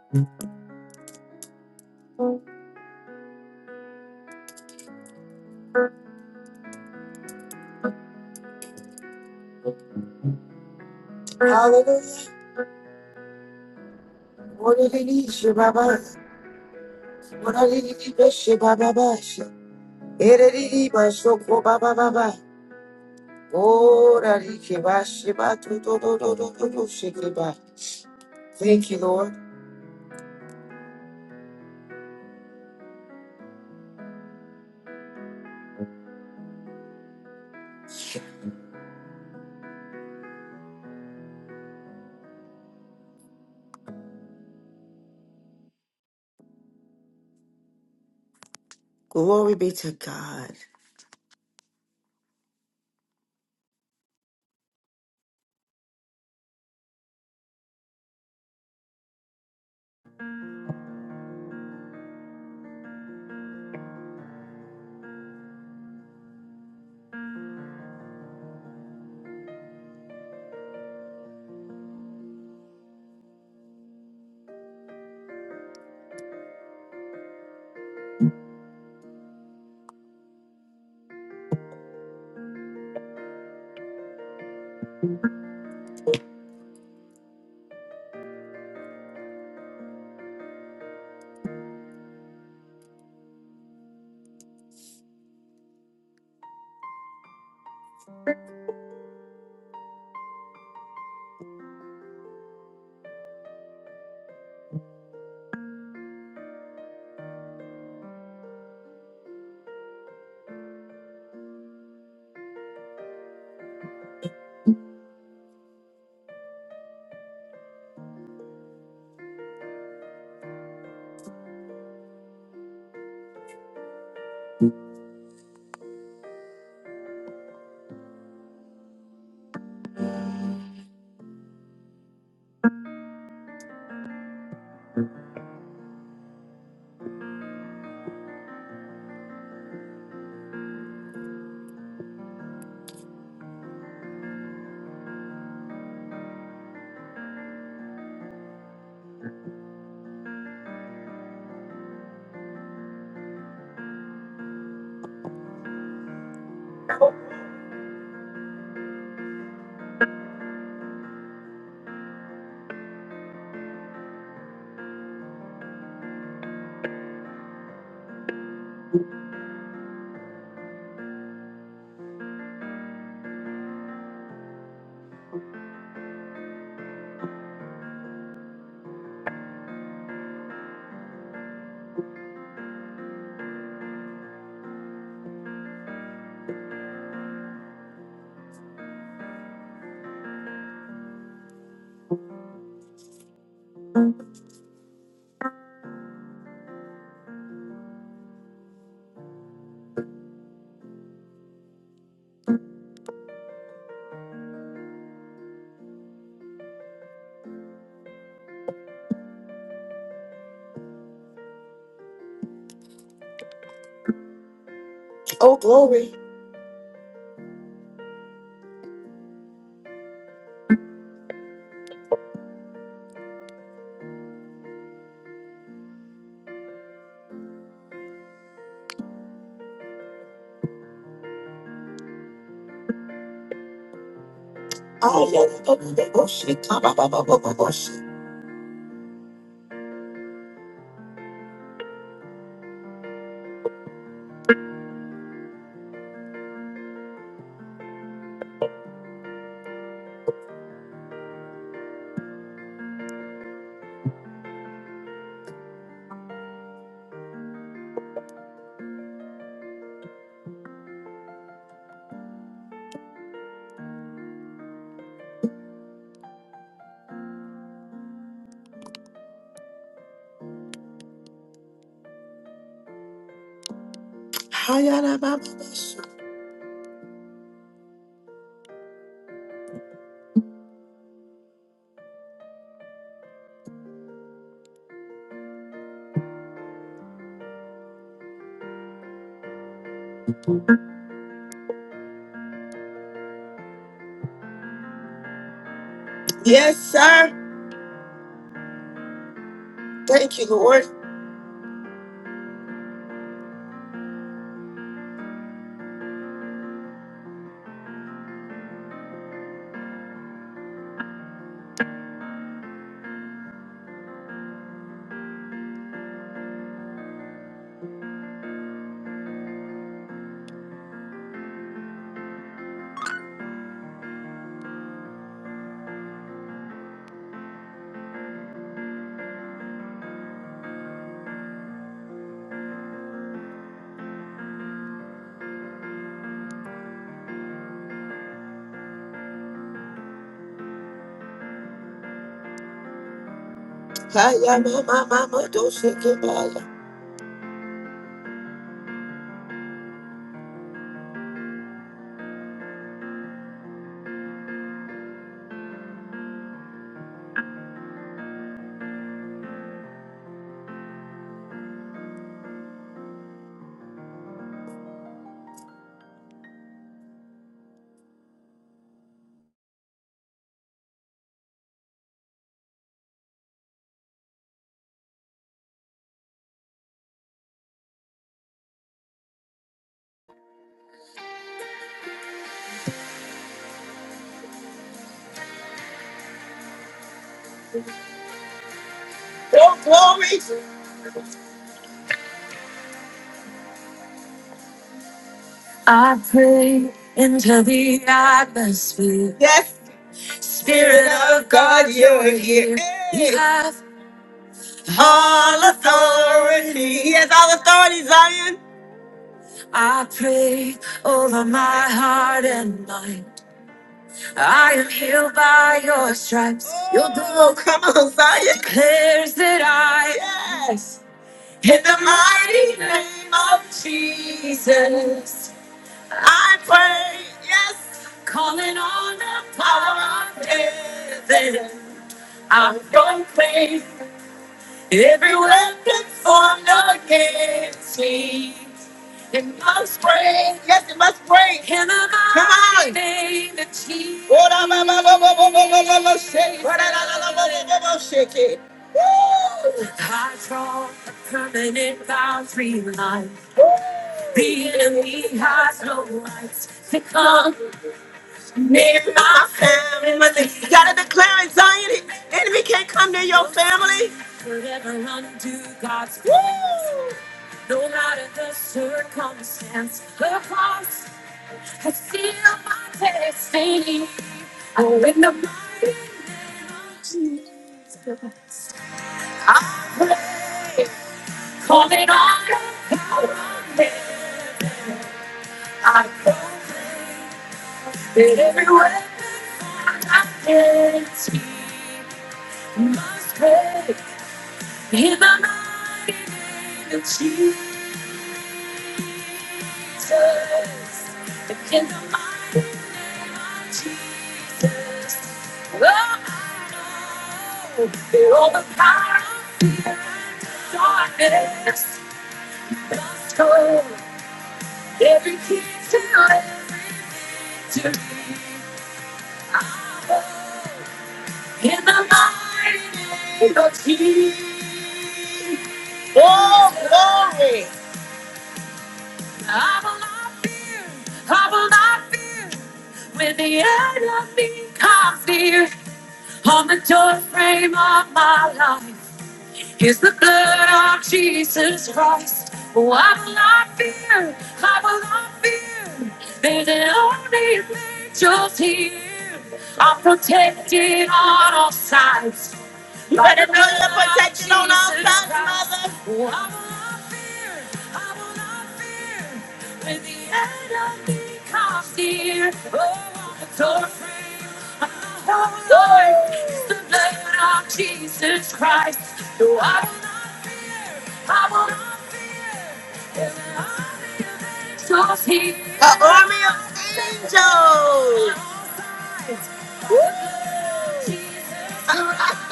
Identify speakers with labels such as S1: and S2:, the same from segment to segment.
S1: Hallelujah. Oreriri baba. Oreriri beshe baba bash. Ereriri basho ko baba baba. Orari ke bashe ba tu do do do do do do shake ba. Thank you, Lord. Glory be to God. Oh, glory. Oh, yeah. Oh, yeah. Oh, shit. Ah, bah, bah, bah, bah, bah, bah, shit. Ah, yeah, nah, bah, bah, bah, shit. Yes, sir. Thank you, Lord. Ah, yeah, nah, bah, bah, bah, don't shake it, bah, yeah. Oh, glory. I pray into the atmosphere. Yes. Spirit of God, you're here. Hey. You have all authority. He has all authority, Zion. I pray over my heart and mind. I am healed by your stripes. Your blood, come on, Zion. Declares that I, yes. In the mighty name of Jesus. I pray, yes, calling on the power of heaven. I'm going to pray. Every weapon formed against me, it must break. Yes, it must break. In the Come on. mighty name of Jesus. Ora ba ba ba ba ba ba ba ba ba shake. Ora la la la la la la la shake it. Woo! I draw a permanent boundary line. Woo! The enemy has no rights to come. Near my family, nothing. You gotta declare anxiety. Enemy can't come near your family. Forever undo God's Woo! Plans. No matter the circumstance, the cross has sealed my destiny. Oh, in the mighty name of Jesus, I pray, calling on the power of heaven. I pray that every weapon formed against me must pray in the mighty name of Jesus. In the mighty name of Jesus. Oh, I know that all the power of fear and darkness must go. Every key to every victory. I know in the mighty name of Jesus. Oh, glory! I will not fear, I will not fear. When the enemy comes near, on the door frame of my life is the blood of Jesus Christ. Oh, I will not fear, I will not fear. There's an army of angels here. I'm protected on all sides. You better know your protection on all sides, mother. I will not fear. I will not fear. When the enemy comes near, oh, I'm so afraid. Oh, Lord, it's the blood of Jesus Christ. No, I will not fear. I will not fear. And the army of angels here. An army of angels. Woo!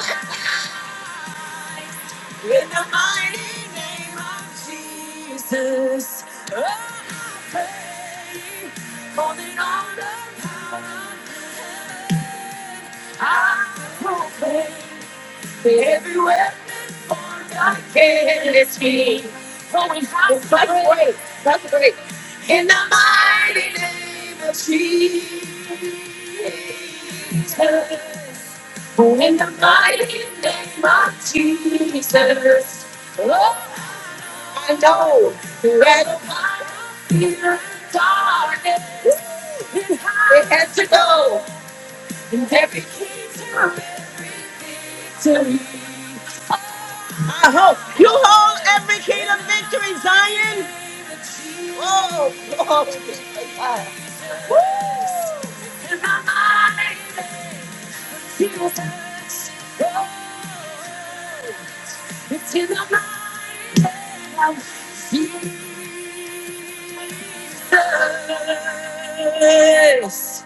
S1: In the mighty name of Jesus, oh, I pray for the honor power of heaven. I proclaim that every weapon formed against me, for we have such great. such grace. In the mighty name of Jesus. Oh, in the mighty name of Jesus. Oh, I know that a part of fear and darkness it has to go. And every kingdom, every victory. I hope you hold every kingdom victory, Zion. Oh, Lord. In my mind, feels touch. It's in my mind. I feel this.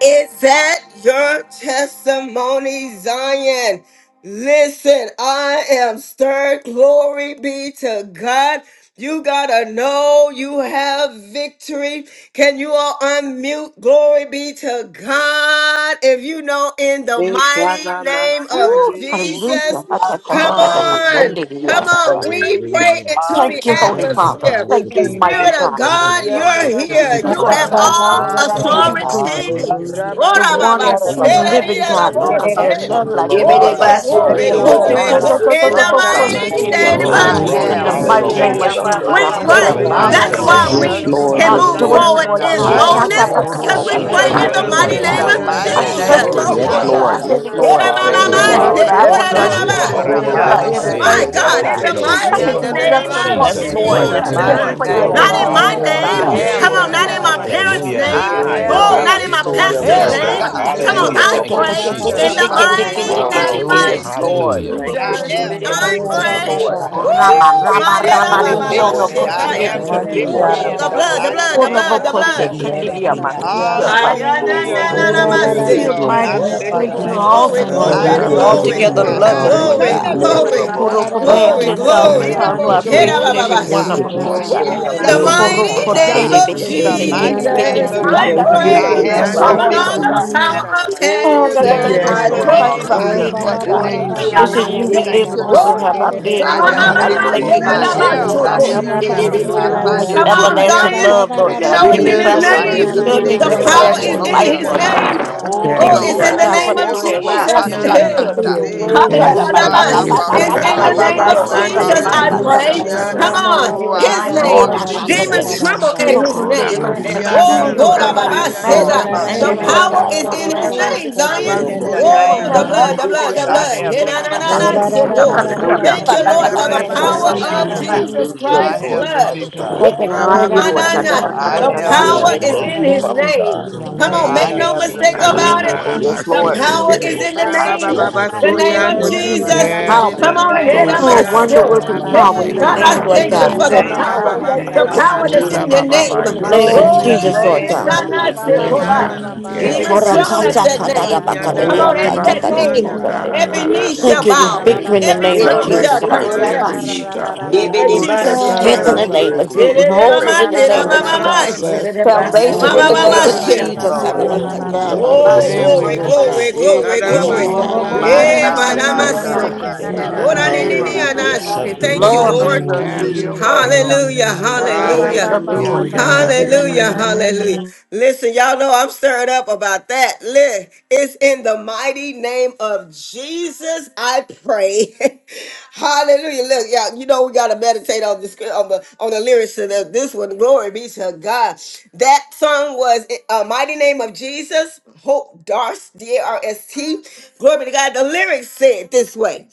S1: Is that your testimony, Zion? Listen, I am stirred. Glory be to God. You gotta know you have victory. Can you all unmute? Glory be to God. If you know in the
S2: Ekana
S1: mighty name of
S3: Ooh,
S2: masande de
S3: hallelujah.
S1: Jesus,
S2: bosuri andara
S1: come
S2: masu.
S1: on.
S4: Hallelujah.
S1: Come on, we
S2: Eh,
S5: Thank you,
S1: pray
S6: Hallelujah.
S2: yama
S1: into
S5: Father,
S1: the
S3: Thank
S2: suri
S3: you, Holy
S2: andara
S6: Thank you,
S3: Father.
S1: atmosphere.
S6: Father,
S5: in
S6: that
S3: Thank
S2: maseke.
S3: you,
S6: you
S5: the
S6: have
S3: mighty
S1: Spirit of
S5: name
S3: God.
S5: of
S6: given us
S1: God,
S6: the
S1: you're
S2: Yandara
S5: Jesus.
S3: Thank
S6: victory,
S1: here.
S3: you,
S7: Thank
S1: You
S3: Lord
S6: Father.
S2: masandara la
S3: God.
S4: Hallelujah.
S6: We
S2: bosuri
S5: Ah,
S6: glorify
S5: yes,
S3: Thank
S8: Oh,
S2: andara
S3: you,
S6: you.
S2: mas.
S3: great
S6: We
S1: authority.
S5: Jesus,
S6: honor
S4: Hallelujah.
S6: you.
S3: the
S1: Ora
S4: Thank
S2: Rabasuri
S3: one
S4: you,
S1: baba,
S3: and
S6: We
S2: andara
S3: true
S4: Father
S2: la
S1: sereri
S4: God.
S3: living
S6: magnify
S1: ara
S2: masete
S3: God,
S2: de
S3: Lord,
S6: your
S2: la
S5: Oh,
S3: because
S1: voce.
S3: there
S6: name
S3: are none
S6: because
S2: bosuri.
S3: like
S5: hallelujah,
S3: you,
S6: you
S9: Yebere
S6: are
S3: Lord
S6: the
S5: Lord.
S1: Oh,
S3: God.
S5: Let
S10: you,
S1: glory,
S4: Shandalomosataya
S6: great,
S9: basundere
S5: your
S3: Thank
S9: de
S3: you,
S10: Jesus.
S2: Yandara
S1: glory,
S3: do-
S6: great
S3: do-
S1: glory.
S5: anointing
S9: basu
S3: do-
S6: I
S2: masuri
S3: do-
S1: In
S4: lolobosita.
S3: do-
S6: am,
S1: the
S5: flow,
S3: of
S2: andara
S9: kuraba.
S6: Father,
S3: course,
S5: God.
S6: that
S3: we
S1: mighty
S6: you
S3: give you
S6: have
S3: a
S10: In
S2: maseke
S1: name
S10: the
S6: told
S3: second.
S11: Glory,
S10: mighty
S5: I
S6: me
S1: of
S10: name
S12: Yana no
S4: Rulobosita
S6: I
S11: glory,
S12: do
S3: In
S10: of
S9: Yebere
S2: robosu.
S12: do
S5: have
S3: the
S6: have
S12: do
S6: the
S5: the
S10: Jesus.
S12: da
S3: mighty
S12: da
S4: yelolobo.
S1: Jesus.
S9: seke
S3: name
S6: victory.
S12: bo
S5: victory
S11: hallelujah.
S9: ya
S3: of
S12: shi
S9: ba
S12: Ya
S3: Jesus,
S12: da
S9: ba
S1: We
S3: I
S12: da
S9: ba
S6: I
S12: ba
S5: in
S9: ba
S12: ba
S3: praise
S1: pray.
S9: ba
S12: ba
S5: the
S2: Ori
S3: and
S6: thank
S12: ba
S9: ba
S6: you
S3: honor
S11: Hallelujah.
S12: yana
S6: for
S3: you,
S5: mighty
S4: Shandalomosataya
S2: andara
S1: That's
S12: do
S11: Thank
S6: your
S12: do
S11: you,
S9: basu
S3: Lord
S1: why
S12: do
S5: name
S12: bo
S10: Yes,
S2: maseke
S6: word.
S3: God.
S5: of
S9: kuraba.
S1: we
S12: shi
S11: Jesus.
S12: ya da
S4: lolobosita.
S10: Lord.
S12: da
S1: can
S3: I
S12: bi
S2: romoshu
S10: Yes,
S5: Jesus.
S1: move
S12: yana
S3: adore
S12: na
S11: Hallelujah.
S10: Lord.
S5: It's
S3: you,
S12: na
S2: andara
S1: forward
S5: in
S12: na
S2: la
S3: Lord
S12: na
S5: the
S1: in
S12: na na
S3: God.
S2: masete.
S5: mighty
S3: Ta-
S9: Yebere
S3: ta-
S1: boldness
S12: bo
S3: ta-
S5: name of
S3: ta-
S9: basu
S1: because
S4: Wandalomosataya
S5: Jesus.
S3: ta-
S1: we
S3: I
S10: Yes,
S11: Isitiburudusha.
S12: iyo
S1: pray
S12: do
S3: trust
S9: kuraba.
S10: Lord.
S12: do
S1: in
S3: in
S12: do
S1: the
S3: you,
S2: Yandara
S12: da bi
S3: Lord
S1: mighty
S12: ya
S11: Hallelujah.
S5: In
S4: lolobosita.
S12: da
S3: God.
S1: name
S12: da
S5: the
S12: bi
S2: masuri
S1: of
S11: Glory,
S12: yana no
S3: I
S2: andara
S5: mighty
S12: no
S2: la
S12: no
S11: glory,
S12: no
S3: trust
S1: Jesus.
S5: name
S12: do
S3: in
S12: do
S11: glory
S5: of
S3: you,
S11: to
S2: bosuri
S12: bo
S10: Yes,
S1: Okay.
S3: Lord
S12: shi ya
S11: God.
S2: andara
S10: Lord.
S3: God.
S12: da
S5: Jesus.
S3: I
S12: da
S9: Yebere
S3: need
S2: mas.
S10: Yes,
S3: to
S4: Shandalomosataya
S3: take,
S12: da
S10: Lord.
S9: basu
S12: ba
S3: take,
S12: ba ba
S3: take,
S10: Thank you,
S3: take
S9: kuraba.
S12: yana
S3: care of
S12: na
S3: it.
S4: lolobosita.
S5: Oh,
S11: Hallelujah.
S12: na
S3: Lord.
S1: Oramamamase,
S10: Father.
S12: na
S3: I
S12: da
S5: yes,
S12: da
S3: put
S2: Ramaseke
S12: bo
S3: God
S5: Lord.
S12: shi ya
S3: depend
S5: It's
S1: korararaba.
S12: da
S5: in
S12: da
S3: upon
S5: the
S12: da
S3: you.
S12: ba
S3: You're
S12: ba
S2: Romoshiana
S10: Hallelujah.
S3: my
S5: mighty
S12: ba ba
S1: Oh
S4: Rulobosita
S5: name
S12: ya
S1: my
S3: everything,
S5: of
S12: da
S11: Isitibarayananese.
S2: Namaseke.
S12: da
S3: Lord
S12: da
S1: God,
S12: bo
S4: yelolobo.
S10: Thank
S1: in
S5: Jesus.
S3: God.
S10: you,
S1: the
S9: Yebere
S3: I
S10: Jesus.
S11: Yalaladadoso.
S1: mighty
S3: can
S12: iyo
S9: basu
S12: do
S3: do
S9: kuraba. Yebere basu
S12: do
S2: Yandanana
S12: da
S1: name
S9: kuraba.
S3: nothing
S12: no no
S2: Rabo
S1: of
S12: no
S3: apart
S12: do
S10: Yes,
S3: from
S4: Shandalomosataya.
S11: Jesus,
S12: do
S3: you,
S12: do
S5: Yeah, it's
S12: bo
S10: Lord.
S3: Lord
S12: ya
S11: glory
S5: the
S10: Yes,
S3: God.
S12: da
S11: to
S2: Sorianda
S12: da bi
S3: Thank
S5: mighty
S3: you
S12: yana
S10: Lord.
S11: God.
S3: for
S12: no
S1: Jesus.
S3: your
S12: no
S5: name
S2: Ramashe.
S8: Hey,
S12: no
S11: Glory.
S1: Not
S12: no
S5: of
S3: grateful
S8: ba
S1: in
S12: no
S8: ba
S12: no
S1: my
S8: ba
S4: Angelobosata,
S3: beauty,
S12: no
S8: ba
S5: Jesus.
S12: no
S9: Yebere
S3: Lord
S9: basu kuraba. Yebere
S8: ba ba
S12: do
S5: I
S1: name.
S3: God.
S4: yellow
S12: bo
S8: ba
S9: basu
S11: Hallelujah.
S5: have
S2: Ke
S12: shi
S8: ba
S1: Come
S10: Thank
S8: ba
S12: ya
S5: the
S1: on,
S10: you,
S12: da
S1: not
S12: da
S2: Yanda
S1: in
S9: kuraba.
S12: ba
S4: robosita.
S1: my
S10: Father.
S5: victory.
S12: ya da da
S1: parents'
S12: bo
S8: ba
S11: Hallelujah in the
S12: shi
S2: Rabasurianda
S1: name.
S13: Thank
S5: I
S10: Yes,
S4: Green
S11: highest.
S5: have
S1: Oh,
S10: Lord.
S5: the
S1: not
S2: Ramase.
S11: High.
S1: in
S10: Yes,
S1: my
S4: robosita,
S12: yana
S5: victory.
S10: Lord.
S12: na na
S4: yellow
S12: na
S1: pastor's
S11: Yes,
S12: da
S5: Hey,
S12: da
S1: name.
S12: da
S11: God.
S5: God,
S4: robosita,
S2: Ramasanda
S1: Come
S2: de
S12: bo
S1: on,
S5: thank
S4: yellow
S11: Hallelujah.
S12: ya
S5: you.
S1: I
S2: Rabo
S12: da da
S11: Thank you,
S12: ya
S1: pray
S12: da da
S2: Sorianda
S12: bo
S4: robosita.
S10: In
S1: in
S10: the
S14: Yes,
S11: Jesus.
S12: shi
S1: the
S2: Rabashe.
S5: I,
S12: ya da
S10: mighty
S12: da
S5: in
S12: bi ya
S10: name
S5: the
S12: da
S10: of
S1: mighty
S12: da
S4: Yellow
S8: ba.
S12: yana
S1: name
S5: mighty
S10: Jesus.
S12: na
S11: Hallelujah.
S12: na
S1: of
S5: name
S10: Yes,
S12: na
S5: of
S4: robosita, yellow
S10: Lord.
S5: Jesus,
S11: Hallelujah.
S10: Thank
S12: Yo
S10: you,
S5: I
S12: no
S1: Jesus.
S12: no
S4: robosita,
S5: have
S12: no
S9: Yebere
S12: no no
S5: the
S12: no
S1: I
S10: Jesus.
S8: Hey,
S9: basu
S12: no
S10: Yes,
S8: ba
S12: no
S5: victory.
S8: ba
S1: pray.
S12: bushi
S10: Lord.
S12: ya
S9: kuraba.
S8: ba.
S4: robosata.
S12: da da biya
S3: Rama
S12: na
S1: Woo!
S12: na na
S5: Victory,
S1: My
S3: Rama
S12: na na
S8: La
S12: na
S1: little
S8: la
S3: Rama
S12: da
S1: ba
S8: la
S4: Green
S5: victory,
S10: Glory
S1: ba
S8: la
S10: to
S12: bushi
S8: la
S3: Dio
S1: ba
S8: la
S12: ya
S10: your
S3: no
S12: da
S10: name,
S5: victory.
S8: ba
S12: da
S5: I
S3: cose
S12: ba
S4: robosita,
S10: Father
S12: ba
S10: God.
S12: ba
S5: have
S1: shikaya.
S3: kiri
S8: sheke de
S5: the
S12: ya
S4: yellow
S8: de
S12: da da
S3: kitio
S8: ka
S10: Hallelujah.
S8: la
S5: victory
S12: bushi
S1: Woo!
S8: la
S3: cose.
S9: Yebere
S12: ya
S5: in
S1: The
S8: la
S12: da
S4: robosita,
S5: the
S8: la
S1: blood,
S12: ba
S8: la
S1: the
S12: ba
S8: la
S5: mighty
S12: ya
S1: blood,
S8: la
S12: da
S1: the
S8: la
S12: da
S8: la
S5: name
S1: blood,
S3: Kolobo
S8: la
S4: robosata,
S1: the
S5: of
S8: la
S4: yellow
S1: blood.
S3: cose
S5: Jesus.
S8: ba
S10: The
S12: i
S8: sa
S12: da
S10: blood
S12: da
S8: la
S10: of
S12: da
S8: la
S3: kendidia
S12: da
S4: robosita.
S8: la
S12: biya
S8: ba
S12: da
S3: mastio
S12: da
S10: Jesus.
S8: ha.
S12: ba
S3: no
S12: ba ba
S3: pas.
S12: ya da da
S4: Blue
S12: da
S5: Hallelujah.
S12: da ba
S10: In
S5: You
S8: De
S12: ya
S5: are
S12: na
S8: la
S10: the
S4: robosita,
S12: na
S8: la
S12: da
S10: mighty
S8: la
S10: name
S12: da
S4: yellow
S5: worthy,
S8: la
S3: You're
S1: Ayanananamase.
S12: bushi
S8: ke
S5: Lord.
S10: of
S12: ya
S3: mighty,
S8: de
S5: I
S1: Woo!
S12: da da
S8: de
S3: you're
S4: robosita,
S10: Jesus.
S12: ba
S8: de
S5: bless
S12: ya
S5: your
S3: great,
S8: ke
S12: da
S3: you're
S8: de
S12: da
S15: Thank
S5: name.
S8: de
S14: God.
S12: ba
S1: Glory,
S3: awesome,
S8: ka
S4: robosata,
S8: la
S3: Lord
S8: la
S10: Lord,
S5: I
S15: you.
S10: we
S8: la
S1: glory,
S12: i
S3: God.
S4: yellow
S12: da
S8: la
S3: You're
S12: da
S10: thank you
S12: da
S8: la
S12: da
S8: la la
S10: this
S1: glory,
S8: la
S4: robosita.
S12: ya
S8: la
S12: da
S3: altogether
S5: glorify.
S10: morning,
S8: ba.
S12: da da
S3: lovely,
S12: da
S10: Father. We
S12: da
S3: Lord
S1: glory,
S10: thank you,
S3: God.
S12: ba ba
S10: Lord,
S12: ba
S9: ba
S4: Yellow
S10: for
S5: Hashandalolo
S12: ya
S1: glory,
S9: ba
S12: da
S9: ba
S8: Ba
S12: da
S8: la
S9: ba
S12: da
S3: Koroko,
S4: robosita,
S8: la
S3: If
S9: ba
S3: I
S8: la
S12: na
S5: shaka.
S9: ba
S12: na
S8: la
S4: yellow
S3: had
S1: glory,
S12: na
S8: la
S12: na
S8: la
S12: na
S9: basu
S8: la
S12: na
S8: la
S3: 10,000
S12: da
S1: glory.
S8: la
S7: you.
S10: life
S4: robosita,
S12: da
S8: la
S12: bu
S3: times, Lord,
S10: have
S9: kuraba.
S8: de
S10: your
S12: bu
S3: I
S12: ya
S8: ke
S12: da
S10: sin.
S3: praise
S12: da
S7: God.
S3: you with
S5: Mirabodo
S8: she
S3: every
S12: bushi
S8: de
S4: robosata.
S12: ya
S8: de
S12: da
S3: one
S8: de
S5: biya.
S10: Thank
S12: da
S3: of
S10: you,
S1: Herabababase.
S8: la
S12: ba
S3: them,
S8: la
S12: ba
S7: Oh,
S3: Lord
S5: Ah,
S10: Jesus,
S8: la.
S12: ba
S9: In
S10: for
S9: the
S3: God.
S5: yes,
S1: Oh,
S10: another
S1: in
S7: glory
S9: mighty
S1: the
S5: God.
S12: i
S4: Yellow
S10: day,
S7: back
S12: ya na na
S7: to
S12: na
S9: name
S1: mighty
S12: da
S3: Koroko,
S7: God.
S12: da
S10: for
S1: name
S12: da
S5: God,
S10: new
S3: tere,
S12: da
S1: of
S12: da
S10: gl-
S12: bu
S5: in
S4: robosata,
S3: beke,
S12: bu
S5: the
S10: grace
S3: se,
S12: ya
S10: and
S8: Ba
S12: da
S10: new,
S8: la
S12: da
S5: mighty
S3: kiri,
S10: gr-
S8: la
S12: da da
S8: la
S5: name
S8: la
S3: kete,
S12: da
S4: Yeah,
S1: Jesus,
S3: kiri.
S12: da
S8: la
S5: of
S10: new
S12: da
S8: la
S3: I
S12: ba
S1: I
S8: la
S12: ya
S3: got
S10: grace
S8: la
S3: to
S10: and
S12: da
S5: Jesus,
S8: la
S10: new
S12: da
S8: la
S12: da
S5: I
S3: praise
S12: ba
S8: la
S1: pray
S2: Eh,
S3: you
S8: ba.
S12: ya
S10: mercy.
S3: from
S5: have
S12: da
S3: my
S12: da
S5: the
S12: ba
S2: Yanda
S1: from
S7: Under
S10: Thank
S12: ya
S3: heart,
S10: you,
S12: na na
S3: Lord
S12: na
S5: victory.
S1: another
S3: God.
S12: na
S10: Jesus.
S12: da
S1: time
S12: da
S6: mm
S2: Rabasurianda
S12: da ba
S3: Oh,
S5: Oh,
S2: Rabashe.
S3: that, that,
S12: na
S5: there's
S3: that's
S1: that
S12: na
S5: no
S3: what
S12: na
S3: the
S10: Yes,
S1: I
S12: na na
S5: other
S3: very
S12: da
S10: Lord.
S12: da
S3: fight
S1: pray.
S12: da da
S5: name
S3: about
S8: Oh
S5: higher
S10: Hallelujah.
S3: big,
S8: ba
S12: da
S3: Lord
S5: than
S8: ba
S12: da
S5: the
S8: ba
S10: Thank
S12: da
S3: God.
S8: ba
S10: you,
S5: name
S8: ba
S12: do
S5: of
S8: la
S6: hmm
S10: Jesus.
S12: shi
S8: la
S3: It's
S12: da
S8: la
S3: in
S12: da
S8: la
S3: you
S12: da
S5: Jesus.
S8: la
S12: ba
S3: we
S8: la
S12: ba
S1: Herabababase.
S12: ba,
S5: Thank
S3: live
S8: la
S3: and
S5: you,
S8: la la
S3: move
S12: ba,
S8: de
S3: and
S5: Lord.
S3: have
S8: ke
S12: ba,
S10: Yes,
S3: our
S8: de
S12: yadadadabo,
S1: Oh,
S8: de
S12: da
S10: Lord.
S3: being,
S8: de
S12: da
S2: Eh,
S8: de
S5: I
S12: ba.
S3: Lord
S10: Yes,
S8: la
S5: have
S8: la
S5: the
S3: God.
S2: Yanda
S8: la
S3: I
S10: Lord.
S1: rababababa,
S8: ba.
S5: victory
S3: thank
S5: in
S3: you,
S12: Yodidi
S5: my
S3: Lord
S10: Thank
S2: Ramasete
S3: God,
S12: yada da
S10: you,
S2: Robo
S12: da
S5: health. I
S10: Father
S1: herabababase.
S8: Ba
S12: boshi
S5: have the
S12: ya
S10: God.
S8: ba
S12: na
S8: ba
S2: Shorianda
S12: na
S8: ba
S12: na
S5: victory in
S2: Ramas.
S12: na
S8: ba
S5: my
S12: na
S8: la
S10: Hallelujah.
S12: da
S8: la
S12: da
S3: for
S8: la.
S3: your
S1: Come
S5: finances.
S12: boshi ya
S1: on,
S5: I
S12: da
S5: have
S12: da
S3: everlasting
S8: Ariana
S5: the
S12: ba
S1: Zion.
S12: ba
S8: ba
S12: ya
S3: love,
S8: la
S12: da
S3: Lord
S8: la
S5: victory
S12: da
S10: Yes,
S1: Your
S5: in
S3: God.
S8: la
S12: ba
S3: I
S5: my
S8: la
S12: ba
S3: thank
S8: de
S12: ba.
S3: you for
S10: Jesus.
S8: de
S5: peace.
S2: Yanda
S3: your
S8: de
S5: I
S8: la
S5: have
S1: name
S12: Yo
S8: la
S5: the
S12: do
S8: la
S12: do
S8: la
S12: do
S2: Ramasende
S3: building
S8: la
S12: do
S2: de
S12: da
S8: la
S5: victory in
S12: ba
S8: la
S12: ba
S10: Yes,
S2: Robo
S8: la
S12: ba
S1: power
S8: la
S5: my
S12: ya
S8: la
S10: Lord.
S3: everlasting
S12: da
S8: ba
S12: da
S3: life,
S12: ya
S5: emotions.
S2: Sorianda
S8: she
S12: na
S3: Lord
S8: de
S12: na
S2: Ramas.
S12: na
S8: la
S3: God.
S12: na
S8: la
S12: na
S8: la
S12: da
S5: Oh,
S12: da
S8: la.
S1: Oh,
S3: Thank
S5: the
S12: da
S3: you,
S10: Thank
S12: da
S1: it's
S10: you,
S12: da
S1: in
S3: Lord
S1: the
S12: da.
S3: God,
S10: Lord.
S3: for
S1: name
S3: the
S1: of
S5: overflow,
S2: Eke Robo
S12: Isha
S5: overflow.
S12: da da
S1: Jesus.
S10: Thank
S3: transforming
S10: you,
S12: ya
S2: Shianda
S3: life,
S12: da da
S3: God,
S12: da
S3: of
S12: da
S5: Hashakanta.
S3: your
S12: da ba ya
S2: Ramase.
S12: da
S3: word. Oh,
S12: da
S3: that,
S12: da
S3: that,
S5: Oh,
S14: Yes,
S3: that,
S12: ba ba ba
S5: God,
S12: ya
S14: God.
S5: I
S10: Thank
S12: da
S14: You
S10: you,
S12: da
S3: that, that,
S12: da
S5: walk
S14: said
S12: ba
S1: It's
S3: that,
S10: Father
S5: in
S12: ba
S14: that.
S5: the
S3: that, that,
S10: God.
S12: ba
S1: in
S14: ba,
S1: the
S12: ya
S3: that.
S14: ba,
S12: da.
S1: name
S14: ba,
S2: Rababa
S3: Yeah,
S14: ba,
S1: of
S14: ba,
S3: well,
S5: overflow.
S14: ba,
S3: that,
S2: Sunday
S3: that,
S14: ba,
S12: Ya
S1: Jesus,
S12: na
S14: ba,
S3: yeah,
S15: Thank
S1: I
S12: na
S2: Rabo
S12: na
S14: You
S12: do
S10: Yes,
S9: of
S12: do
S5: Hallelujah.
S1: pray.
S14: said
S12: do ba
S14: that.
S8: Aya
S12: ba
S14: ba,
S1: Come
S8: ba
S12: ya
S14: ba,
S9: Jesus,
S15: you.
S8: ba
S2: Soriandarama.
S12: da
S14: ba.
S8: ba
S1: on.
S5: Oh,
S9: in
S8: ba
S9: the
S5: I
S8: ba
S1: His
S8: ba
S9: mighty
S12: da
S5: have
S10: yes,
S8: ba
S9: name
S3: Oh,
S5: the
S8: da
S1: name.
S9: of
S8: da
S12: ya
S10: Lord.
S12: na
S8: da
S12: na
S8: da
S12: na
S5: victory,
S10: Yes,
S8: da
S12: da
S1: Demons
S8: da
S10: Lord.
S9: Jesus,
S8: da
S5: victory,
S1: tremble
S3: Oh,
S12: boshi
S8: da da.
S12: ya
S1: at
S3: Lord,
S12: da
S1: his
S5: victory.
S12: da
S3: God,
S14: Oh,
S12: ba
S14: la
S12: ya
S14: ba
S1: name.
S10: Thank
S12: da.
S10: you,
S14: sa
S10: God.
S14: ka ta
S1: Oh,
S3: oh,
S14: ba
S12: Ya
S3: Lord,
S14: ba
S12: do
S2: Yandarama
S1: Gloria
S3: God,
S12: do
S5: Jesus
S14: ba.
S12: do
S3: that
S1: Baba
S9: Shibidi-basi-kuraba.
S12: da
S3: your
S5: is
S14: You
S12: ba
S2: Soria
S12: ba
S8: Ke
S12: ba
S3: massive
S8: da
S14: said
S5: Lord.
S12: ba
S14: that.
S8: da
S2: Daraba
S12: ya
S1: Seda.
S8: da
S14: ba,
S12: da
S5: Hallelujah.
S12: da
S1: The
S8: da
S3: name,
S12: da
S8: da
S12: da
S3: Lord
S8: da
S2: Soria
S12: ba
S10: Yes,
S1: power
S8: da
S12: ya
S3: God.
S2: Daraba.
S10: Lord.
S12: da
S1: is
S8: da
S12: da
S3: Your
S12: da
S1: in
S8: da
S1: his
S8: da
S12: boshi
S8: da da
S3: name,
S9: Shibidi-basi-kuraba.
S8: ba
S12: ya
S1: name,
S12: da
S3: because
S8: ka
S12: da ba ya
S1: Zion.
S3: you
S2: Rabba
S8: she
S4: Hallelujah.
S12: na
S10: Thank
S3: can
S8: da
S12: na
S5: In
S10: you,
S8: da
S12: na
S5: the
S8: da
S12: na
S3: say
S10: Jesus.
S12: da
S8: da
S12: da
S1: Oh,
S5: name
S12: ba
S1: the
S12: ba
S2: Soriandarama.
S5: of
S8: da da
S3: whatever,
S8: ba.
S1: blood,
S12: ba.
S1: the
S5: Jesus,
S1: blood,
S3: Lord
S1: the
S3: God.
S5: I
S12: Yeah,
S1: blood.
S5: have
S1: Hey,
S5: the
S1: na, na,
S3: Right
S5: victory.
S1: na,
S8: Bo
S1: na,
S8: da
S9: Shibidi-basi-kuraba.
S8: da
S1: so
S8: da da
S1: cool.
S8: da da da
S10: Hallelujah.
S8: da
S1: Thank
S8: da
S1: you,
S8: ka
S1: Lord, for the
S8: she
S5: Thank
S8: da
S2: Yandaraba
S5: you,
S8: da
S10: Thank
S8: da
S10: you,
S5: Lord.
S8: da
S1: power
S8: da
S1: of
S10: Jesus.
S8: da da
S2: Soriandaraba.
S8: ba.
S1: Jesus
S7: the
S10: Yes,
S5: I
S1: Christ's
S4: Thank you,
S7: tree,
S10: Lord.
S5: have the
S1: blood.
S4: Father
S5: victory.
S1: Woo,
S4: God.
S3: now, honor
S8: Bo
S3: you,
S8: da
S1: my,
S8: ka
S3: Lord
S2: Rababa
S1: na,
S8: da
S6: kokolakshisa
S8: da
S1: na.
S6: ta
S8: da
S7: under
S8: she
S5: I
S7: the
S1: The
S8: da da
S5: have
S7: rock,
S2: Soriandarama.
S5: the
S8: ke
S1: power
S10: Yes,
S8: da
S4: Hallelujah.
S8: da
S1: is
S8: da
S4: Thank
S5: victory.
S10: Father.
S1: in
S8: da
S4: you,
S8: da
S1: his
S4: Father
S8: ba.
S1: name.
S4: God.
S1: Come
S7: under
S1: on,
S2: Thank
S5: I
S1: make
S7: the
S2: you,
S1: no
S5: have the
S1: mistake
S14: Sa
S2: Jesus.
S14: ka
S5: victory.
S1: about
S4: Hallelujah.
S14: ta
S1: it.
S14: la ba
S10: Yes,
S1: The
S14: si
S10: Lord.
S14: ke
S1: power
S14: te re
S1: is in the
S14: bo
S5: I
S14: so.
S1: name,
S6: Do
S5: have
S6: do
S2: Rababa
S5: the
S6: da
S1: the
S3: In
S8: Ke
S6: da
S1: name
S8: da
S3: the
S5: victory,
S6: da
S1: of
S8: da da
S3: name
S6: da
S3: of
S5: Lord.
S8: da
S6: da
S8: da
S2: Soriandarama.
S6: da
S8: da
S3: Jesus,
S6: da
S1: Jesus.
S8: da
S6: di
S8: ba
S2: Sede
S6: di
S5: In
S14: Yes,
S8: she
S3: power,
S1: Come
S5: the
S6: si
S14: God.
S8: ke
S1: on,
S8: da
S2: Rabo
S8: da
S1: yeah,
S14: Go
S5: name
S8: da
S1: that
S5: of
S3: oh,
S8: ka
S14: sa
S6: sakala
S8: da da
S1: must
S14: ka
S5: Jesus.
S6: te
S3: wonder
S8: da
S1: do.
S14: ta
S8: da
S14: la
S8: da
S2: Soriandarama.
S3: working
S8: da
S14: ba
S8: da da
S3: power
S1: Hey,
S14: si
S3: in your
S8: ka
S14: ke
S1: God,
S6: kokula
S1: I
S8: she
S14: ta
S3: name,
S6: da
S8: da
S6: da
S5: In
S3: Lord
S14: ba
S8: ke
S6: di
S1: thank
S14: ba
S1: you
S5: the
S4: Hallelujah.
S6: di
S8: da
S3: God.
S1: for
S14: ba.
S6: di
S8: da
S1: the
S8: da
S3: The
S6: di
S5: name
S14: You
S8: da
S5: of
S6: si
S3: power,
S8: da
S1: power,
S8: da
S14: said.
S5: Jesus.
S2: Rababa
S8: da
S3: wonder
S6: sakala
S8: da
S1: the
S8: da
S3: working
S6: te
S8: ba.
S1: power
S6: to
S14: Oh,
S1: that's
S6: to
S14: la
S1: in
S2: Soriandarama.
S1: your
S14: ba
S6: to
S14: ba
S6: to
S1: name.
S14: ba.
S3: in
S6: to
S3: the
S6: da
S14: You
S6: da
S3: name
S4: Thank
S3: of
S6: di
S5: In
S14: said.
S6: di
S4: you,
S8: Glory,
S6: di
S5: the
S6: di
S3: Jesus,
S1: Oh,
S6: di
S3: Lord
S5: name
S1: yeah,
S4: Jesus.
S8: glory,
S6: si
S3: God.
S5: of
S8: ha
S1: not,
S8: ba
S2: Ekoromo
S1: not,
S8: ba ba
S4: Hallelujah.
S14: Yes,
S8: ba
S6: kala
S1: Jehovah.
S8: ba
S14: God.
S8: ba
S6: si
S8: ba da
S2: Soriandarama.
S14: Yes,
S6: saka
S8: da
S14: God.
S1: Demons
S6: ta
S8: ke
S6: ta
S1: tremble
S4: Hallelujah.
S8: she
S6: la
S1: at
S12: Hallelujah,
S6: da
S8: ke
S1: that
S8: da
S6: da
S4: Thank
S8: da
S6: da
S1: name.
S4: you,
S8: da
S6: da
S8: da da
S4: Father.
S6: ta
S8: da.
S1: Come
S6: la
S1: on,
S6: di
S14: Ore
S2: Yandaraba
S6: di
S1: at
S6: di
S1: that
S6: di
S14: baso
S6: si
S1: name,
S14: kota
S2: Soriandaraba
S14: la
S6: sakala
S1: every
S14: la
S4: You're
S6: te
S14: la
S1: knee
S4: worthy
S2: Soriandar
S4: to
S3: Thank
S1: shall
S4: be
S3: you, this
S8: Jesus,
S1: bow,
S3: victory
S14: bosaya.
S3: in the
S4: praised.
S6: kokula
S1: every
S3: name of
S1: tongue
S5: Lord.
S2: Rababa
S4: Hallelujah.
S1: shall
S3: Jesus.
S14: Yes, God,
S2: Soriandaraba
S14: every
S1: confess
S14: knee,
S3: Hallelujah.
S14: God. We
S1: that
S14: go
S5: Oh,
S1: Jesus
S14: shut la
S7: God of
S3: Strength
S14: la
S3: in
S1: Christ.
S5: Jesus
S14: da
S3: the
S4: You're
S3: name
S5: is
S3: of
S4: worthy
S1: Yeah,
S4: to
S1: yeah,
S4: be
S3: Jesus.
S5: Lord.
S14: basi.
S1: yeah,
S6: si
S3: Wholeness
S1: my,
S3: in
S4: praised,
S3: the
S2: Yenderabo
S1: my, my,
S3: name
S4: Father
S1: my, my,
S3: of
S14: Oh,
S4: God.
S6: kala
S14: God,
S1: my,
S3: Jesus.
S2: Soriandaramas
S14: bless my
S3: Salvation
S1: my,
S3: in
S14: home,
S1: my,
S15: Jesus, Jesus, Jesus, Jesus,
S3: the
S1: my,
S4: Hallelujah.
S14: Lord
S3: name
S1: my,
S3: of
S5: Jesus
S4: Jesus,
S14: God.
S5: is
S1: shit.
S6: o
S4: Jesus,
S3: Jesus.
S4: Jesus,
S5: Lord.
S4: Jesus,
S14: Oh,
S6: akala
S14: God,
S6: ta
S4: Jesus,
S14: my
S6: ta ta ta
S1: Oh,
S6: ta da da da
S14: family,
S1: glory,
S6: da
S14: Lord
S1: glory,
S14: God.
S6: da
S4: Jesus,
S6: da
S14: Eh,
S1: glory,
S6: da
S2: Yandaraba
S14: shiki
S1: glory.
S6: ta
S14: da
S5: Oh,
S6: ta
S14: la la
S6: ta
S5: my
S1: Eh,
S6: ta
S12: hallelujah,
S2: Coriandaramas
S5: God,
S14: baso
S6: ta ta
S5: my
S14: to.
S6: ta ta
S5: God,
S6: da
S1: madamaso.
S12: hallelujah.
S6: da
S5: my
S6: di
S14: In
S6: di
S5: God.
S14: the
S6: si
S1: Ora ni ni
S14: name
S6: sakala
S1: ni
S14: of
S6: te to
S1: anase.
S6: da da
S14: Jesus,
S1: Thank
S6: di
S1: you,
S6: di
S3: Love
S6: di
S3: in the
S1: Lord.
S6: di
S12: Thank
S5: Jesus
S12: you,
S3: name of
S6: si
S14: have
S5: is
S14: your
S3: Jesus.
S12: Jesus.
S14: way,
S6: sakala
S5: Lord.
S6: te
S14: Lord.
S1: Hallelujah,
S3: Thank you,
S5: Hallelujah.
S3: Lord God, for
S1: hallelujah.
S3: loving us,
S2: Hallelujah
S3: Lord
S14: Hallelujah,
S3: God. Thank
S14: have
S3: you.
S14: your way,
S1: Hallelujah,
S14: Lord.
S1: hallelujah. Listen, y'all know I'm stirred up about that. Li- It's in the mighty name of Jesus I pray. hallelujah. Look, y'all, you know we got to meditate on the script, on the on the lyrics to the, this one. Glory be to God. That song was uh, mighty name of Jesus. Hope Darst, D A R S T. Glory be to God. The lyrics said this way.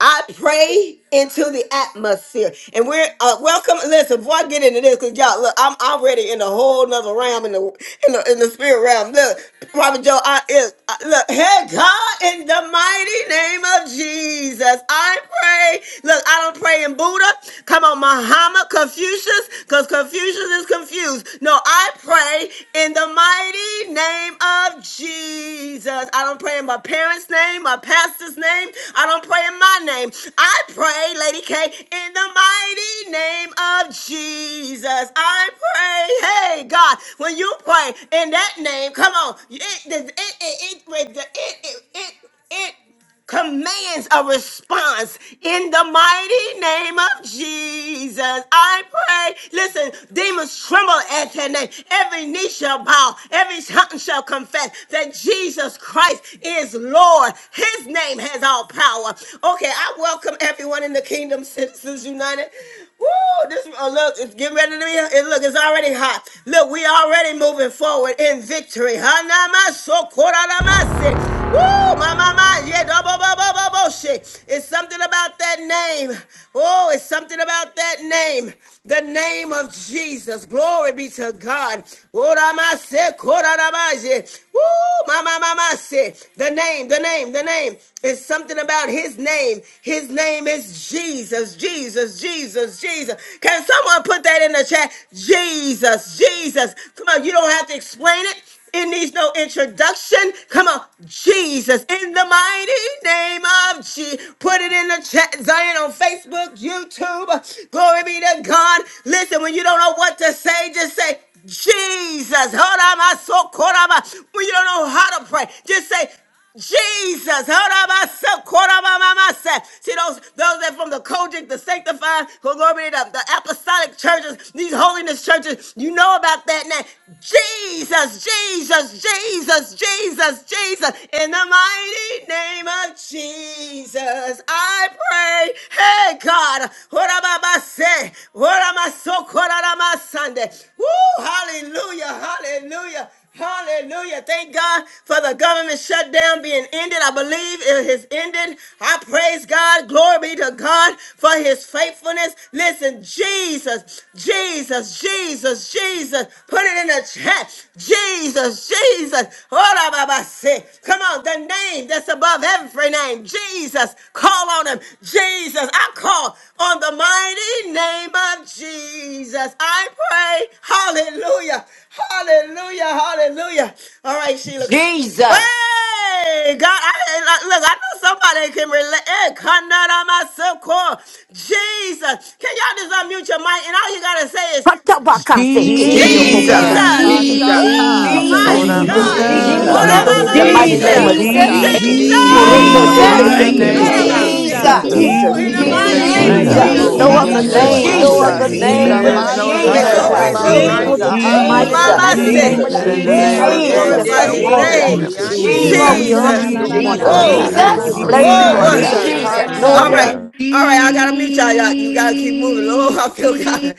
S1: I pray into the atmosphere. And we're uh, welcome. Listen, before I get into this, because y'all, look, I'm already in a whole nother realm in the in the, in the spirit realm. Look, Prophet Joe, I, is, I look, hey, God, in the mighty name of Jesus, I pray. Look, I don't pray in Buddha. Come on, Muhammad, Confucius, because Confucius is confused. No, I pray in the mighty name of Jesus. I don't don't pray in my parents' name, my pastor's name. I don't pray in my name. I pray, Lady K, in the mighty name of Jesus. I pray, hey God, when you pray in that name, come on, it, it, it, it, it, it, it, it, it commands a response in the mighty name of Jesus. I pray. Listen, demons tremble at your name. Every knee shall bow, every tongue shall confess that Jesus Christ is Lord. His name has all power. Okay, I welcome everyone in the Kingdom Citizens United. Woo! This oh, look, it's getting ready to be. It, look, it's already hot. Look, we already moving forward in victory. Hanamasokoranamase. Woo, my, my, my. Yeah, da, bo, bo, bo, bo, bo, shit. It's something about that name. Oh, it's something about that name. The name of Jesus. Glory be to God. Oh, ma, se, ko, da, yeah. Woo, my, my, my, my, shit. The name, the name, the name. It's something about his name. His name is Jesus, Jesus, Jesus, Jesus. Can someone put that in the chat? Jesus, Jesus. Come on, you don't have to explain it. It needs no introduction. Come on, Jesus, in the mighty name of Jesus. Put it in the chat, Zion, on Facebook, YouTube. Glory be to God. Listen, when you don't know what to say, just say, Jesus. Hold on, my soul, caught on my. When you don't know how to pray, just say, Jesus, Harabasa, Korabamamasa. see those those that from the Kojic, the sanctified, go glory to the apostolic churches, these holiness churches, you know about that now. Jesus, Jesus, Jesus, Jesus, Jesus, in the mighty name of Jesus, I pray. Hey God, what What am am I I say? What am I so Horababase, my Sunday? Woo, hallelujah, hallelujah. Hallelujah. Thank God for the government shutdown being ended. I believe it has ended. I praise God. Glory be to God for his faithfulness. Listen, Jesus, Jesus, Jesus, Jesus. Put it in the chat. Jesus, Jesus. Hold Baba. Say, Come on, the name that's above every name. Jesus call on him. Jesus, I call on the mighty name of Jesus. I pray. Hallelujah. Hallelujah. Hallelujah. All right, Sheila.
S9: Jesus, Jesus.
S1: Hey, God, I, I- look, I know somebody can relate. Hey, Kanada myself, call Jesus. Can y'all just unmute your mic? And all you gotta say is,
S5: Jesus,
S2: Jesus
S16: Jesus,
S14: Jesus.
S1: Jesus.
S3: Jesus,
S2: Jesus
S5: Hashaka.
S1: Woo,
S16: Jesus,
S1: my
S3: Jesus,
S14: What
S9: Jesus,
S3: Jesus,
S14: about
S1: God.
S3: Jesus,
S4: Jesus, Jesus, Jesus, Jesus,
S2: Jesus
S1: What
S5: Jesus,
S16: Jesus,
S1: about
S3: hallelujah,
S14: Jesus?
S9: Jesus,
S3: in
S14: Eh,
S3: the
S1: Baba
S2: Jesus
S14: da
S3: mighty
S5: Hoshekike
S17: Jesus,
S14: da
S1: say?
S3: name
S14: da
S3: of
S10: Jesus,
S2: Jesus
S14: da
S7: the
S16: Jesus,
S5: Busha.
S3: Jesus.
S9: Jesus,
S17: Jesus,
S14: bosaya.
S10: Jesus,
S2: Jesus,
S5: Jesus,
S16: Jesus,
S8: mighty
S3: Koroko
S10: Jesus.
S14: The
S3: se
S2: Jesus,
S8: name
S3: ke
S1: Jesus.
S3: te
S14: mighty
S9: Jesus,
S8: of
S10: Thank
S3: ke
S10: you,
S14: name
S3: te
S4: Jesus,
S1: What
S14: of
S3: ke
S16: Jesus,
S1: about
S10: Father.
S2: Jesus, Jesus,
S3: te.
S1: say?
S8: Jesus,
S5: Jesus,
S10: Jesus.
S14: Jesus.
S6: Jesus,
S9: Jesus,
S3: Jesus,
S1: Woo, in
S16: Jesus,
S1: the
S14: We
S6: Jesus,
S15: Jesus,
S3: Jesus,
S1: mighty
S14: say
S2: Jesus,
S8: Jesus,
S1: name
S3: Jesus.
S1: of
S14: thank
S6: Jesus.
S10: Yes,
S14: you,
S5: Jesus,
S15: Jesus,
S11: Jesus,
S1: Jesus,
S10: Lord.
S9: Jesus,
S3: No
S8: Jesus,
S14: Lord.
S10: Yes,
S3: other
S16: Jesus,
S1: mother.
S11: Jesus,
S2: Jesus,
S15: Jesus,
S10: Lord.
S3: name,
S6: Mighty
S3: no
S14: Yes.
S11: Jesus.
S5: Jesus.
S3: other
S6: name of
S9: Jesus,
S16: Jesus,
S5: In
S10: Jesus,
S3: name
S5: the
S6: Jesus.
S14: There
S3: but
S14: is
S1: Oh,
S2: Jesus,
S15: Jesus,
S14: no
S5: mighty
S14: other
S3: Jesus,
S1: glory,
S8: Jesus,
S16: Jesus,
S3: Lord
S2: Jesus,
S14: name
S15: hallelujah,
S5: name
S1: glory,
S9: Jesus,
S3: God.
S2: in
S5: of
S14: whereby
S2: the
S14: we
S1: glory.
S5: Jesus.
S6: Hallelujah.
S14: must
S3: Lord,
S2: mighty
S14: be
S10: Jesus,
S3: just the
S8: Jesus,
S1: Woo,
S14: saved
S2: name
S3: mighty and
S15: Jesus,
S3: the
S2: of
S1: mama
S5: Hallelujah.
S3: matchless
S8: Hayaba,
S9: Jesus,
S6: Jesus,
S2: Jesus.
S1: say.
S3: name of
S14: than
S10: Jesus,
S15: Jesus,
S5: Jesus,
S14: in the
S3: Jesus.
S16: Jesus,
S1: Oh,
S14: name
S16: Jesus,
S1: we
S5: Jesus,
S14: of
S8: Hayanaraba,
S17: hallelujah,
S3: Hallelujah,
S16: Jesus,
S2: Ende
S5: Jesus,
S1: glorify
S2: lo
S9: Jesus,
S14: Jesus.
S1: his
S2: bo
S6: Jesus,
S7: mighty
S5: Jesus.
S7: name
S3: hallelujah.
S8: Jesus.
S10: Jesus,
S14: Protect
S1: name.
S14: help
S7: of
S6: Jesus,
S14: us
S4: Jesus, Jesus,
S2: soriande
S14: this
S3: Ooh,
S2: de
S5: Woo,
S3: Lord,
S6: Jesus.
S14: morning,
S3: we
S8: La
S14: Lord.
S9: Jesus,
S3: honor
S8: la
S17: Jesus,
S3: you
S1: Jesus.
S8: la
S2: bakiando
S15: Jesus,
S3: this
S8: la
S2: bo.
S8: la la
S3: morning,
S4: Jesus,
S17: Jesus,
S5: Jesus,
S14: I
S3: Lord
S10: Jesus,
S8: la la
S1: Whoa,
S15: Jesus,
S3: God.
S14: send
S7: Jesus.
S8: la
S6: Hallelujah,
S16: Jesus,
S2: Robo
S3: We
S8: la.
S14: angels
S9: Jesus,
S14: on
S3: bless you,
S8: Say
S6: hallelujah.
S3: Lord
S15: Jesus,
S1: oh,
S8: de
S4: Jesus,
S2: koramande
S14: assignment.
S3: God.
S5: Jesus,
S16: Jesus.
S2: de
S10: Jesus.
S8: de
S2: la
S14: God.
S8: de de
S9: Jesus,
S3: No
S8: de
S1: all
S3: other
S2: bahi.
S4: Jesus.
S5: Hashaka.
S10: Yes.
S8: de.
S1: right.
S6: Jesus.
S1: All right. I got to meet y'all. y'all. You got to keep moving. Lord, I feel
S17: hallelujah,
S1: God.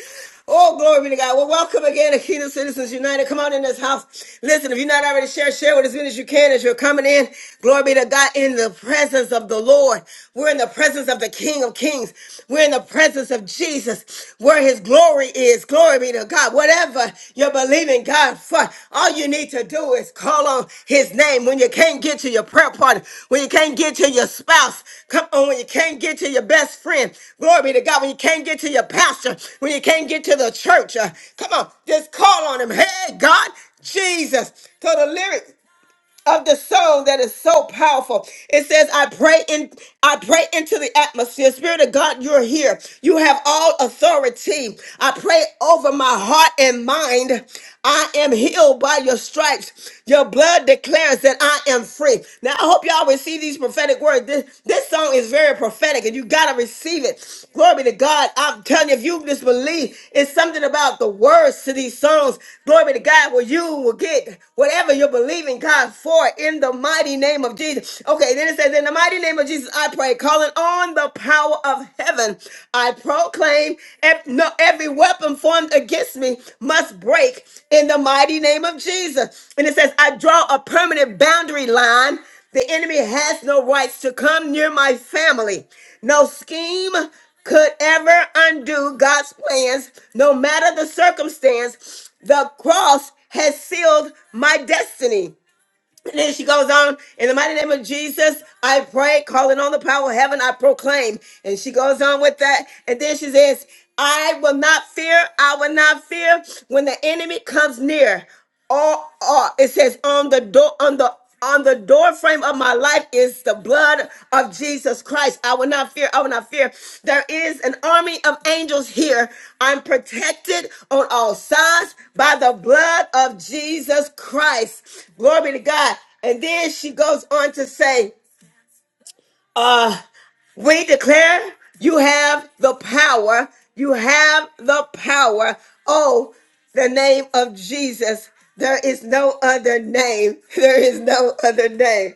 S1: Oh, glory be to God. Well, welcome again to Kingdom Citizens United. Come on in this house. Listen, if you're not already share, share with as many as you can as you're coming in. Glory be to God in the presence of the Lord. We're in the presence of the King of Kings. We're in the presence of Jesus where his glory is is. Glory be to God. Whatever you're believing God for, all you need to do is call on His name. When you can't get to your prayer partner, when you can't get to your spouse, come on, when you can't get to your best friend, glory be to God. When you can't get to your pastor, when you can't get to the church, uh, come on, just call on Him. Hey, God, Jesus. So the lyrics of the song that is so powerful. It says, I pray in I pray into the atmosphere. Spirit of God, you're here. You have all authority. I pray over my heart and mind. I am healed by your stripes. Your blood declares that I am free. Now I hope y'all receive these prophetic words. This, this song is very prophetic, and you gotta receive it. Glory be to God. I'm telling you, if you just believe, it's something about the words to these songs. Glory be to God, where you will get whatever you're believing God God for it in the mighty name of Jesus. Okay, then it says, In the mighty name of Jesus, I pray, calling on the power of heaven, I proclaim ev- no, every weapon formed against me must break in the mighty name of Jesus. And it says, I draw a permanent boundary line. The enemy has no rights to come near my family. No scheme could ever undo God's plans, no matter the circumstance. The cross has sealed my destiny. And then she goes on, in the mighty name of Jesus, I pray, calling on the power of heaven, I proclaim. And she goes on with that. And then she says, I will not fear, I will not fear when the enemy comes near. Or, or it says on the door, on the on the door frame of my life is the blood of Jesus Christ. I will not fear. I will not fear. There is an army of angels here. I'm protected on all sides by the blood of Jesus Christ. Glory to God. And then she goes on to say, we declare you have the power. You have the power. Oh, the name of Jesus. There is no other name. There is no other name.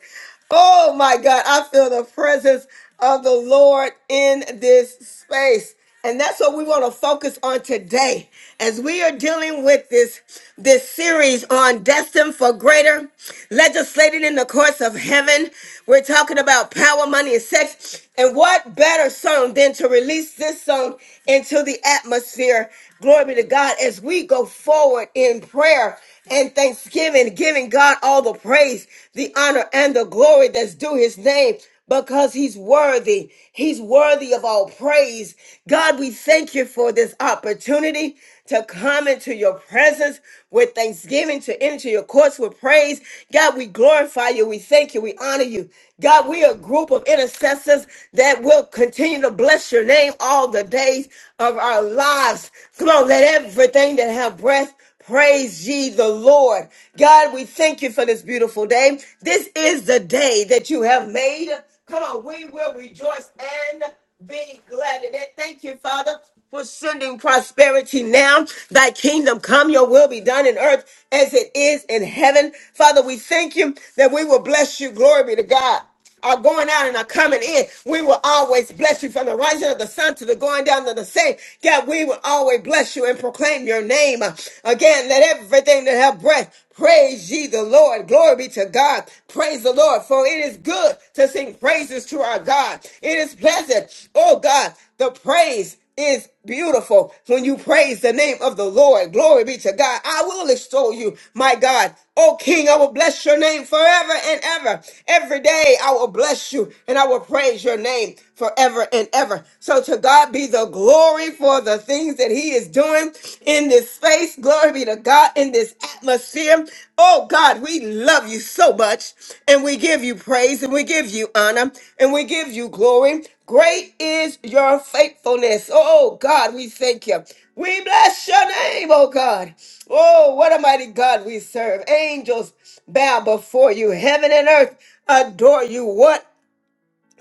S1: Oh my God, I feel the presence of the Lord in this space. And that's what we want to focus on today as we are dealing with this, this series on Destined for Greater, legislated in the courts of heaven. We're talking about power, money, and sex. And what better song than to release this song into the atmosphere? Glory be to God as we go forward in prayer and thanksgiving, giving God all the praise, the honor, and the glory that's due his name because he's worthy. He's worthy of all praise. God, we thank you for this opportunity to come into your presence with thanksgiving, to enter your courts with praise. God, we glorify you. We thank you. We honor you. God, we are a group of intercessors that will continue to bless your name all the days of our lives. Come on, let everything that have breath Praise ye the Lord. God, we thank you for this beautiful day. This is the day that you have made. Come on, we will rejoice and be glad in it. Thank you, Father, for sending prosperity now. Thy kingdom come, your will be done in earth as it is in heaven. Father, we thank you that we will bless you. Glory be to God are going out and are coming in. We will always bless you from the rising of the sun to the going down of the same. God, we will always bless you and proclaim your name. Again, let everything that have breath praise ye the Lord. Glory be to God. Praise the Lord, for it is good to sing praises to our God. It is pleasant, oh God, the praise is beautiful when you praise the name of the Lord. Glory be to God. I will extol you, my God. Oh King, I will bless your name forever and ever. Every day I will bless you and I will praise your name forever and ever. So to God be the glory for the things that he is doing in this space. Glory be to God in this atmosphere atmosphere. Oh God, we love you so much and we give you praise and we give you honor and we give you glory. Great is your faithfulness. Oh God, we thank you. We bless your name, oh God. Oh, what a mighty God we serve. Angels bow before you. Heaven and earth adore you. What